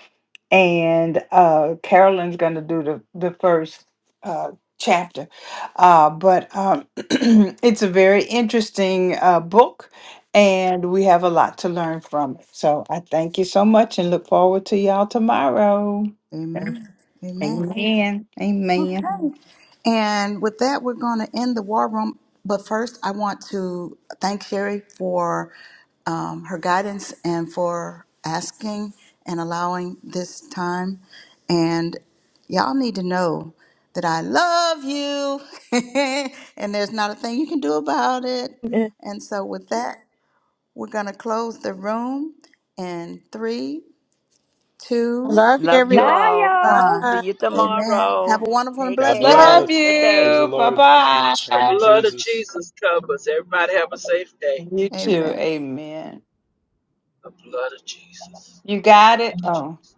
and uh, Carolyn's going to do the the first uh, chapter. Uh, but um, it's a very interesting uh, book, and we have a lot to learn from it. So I thank you so much, and look forward to y'all tomorrow. Amen. Amen. Amen. Amen. And with that, we're going to end the war room. But first, I want to thank Sherry for um, her guidance and for asking and allowing this time. And y'all need to know that I love you, and there's not a thing you can do about it. Amen. And so, with that, we're going to close the room in three, I two, Love you, Love you Bye, all. y'all. one. everybody. See you Amen. Have tomorrow. a wonderful and Take God blessed care. day. Love bless. Good Praise the day. you. Bye Lord. The Name of bye. blood of Jesus. Jesus covers. Everybody have a safe day. You too. Amen. Amen. The blood of Jesus. You The got it. blood of Oh. Jesus.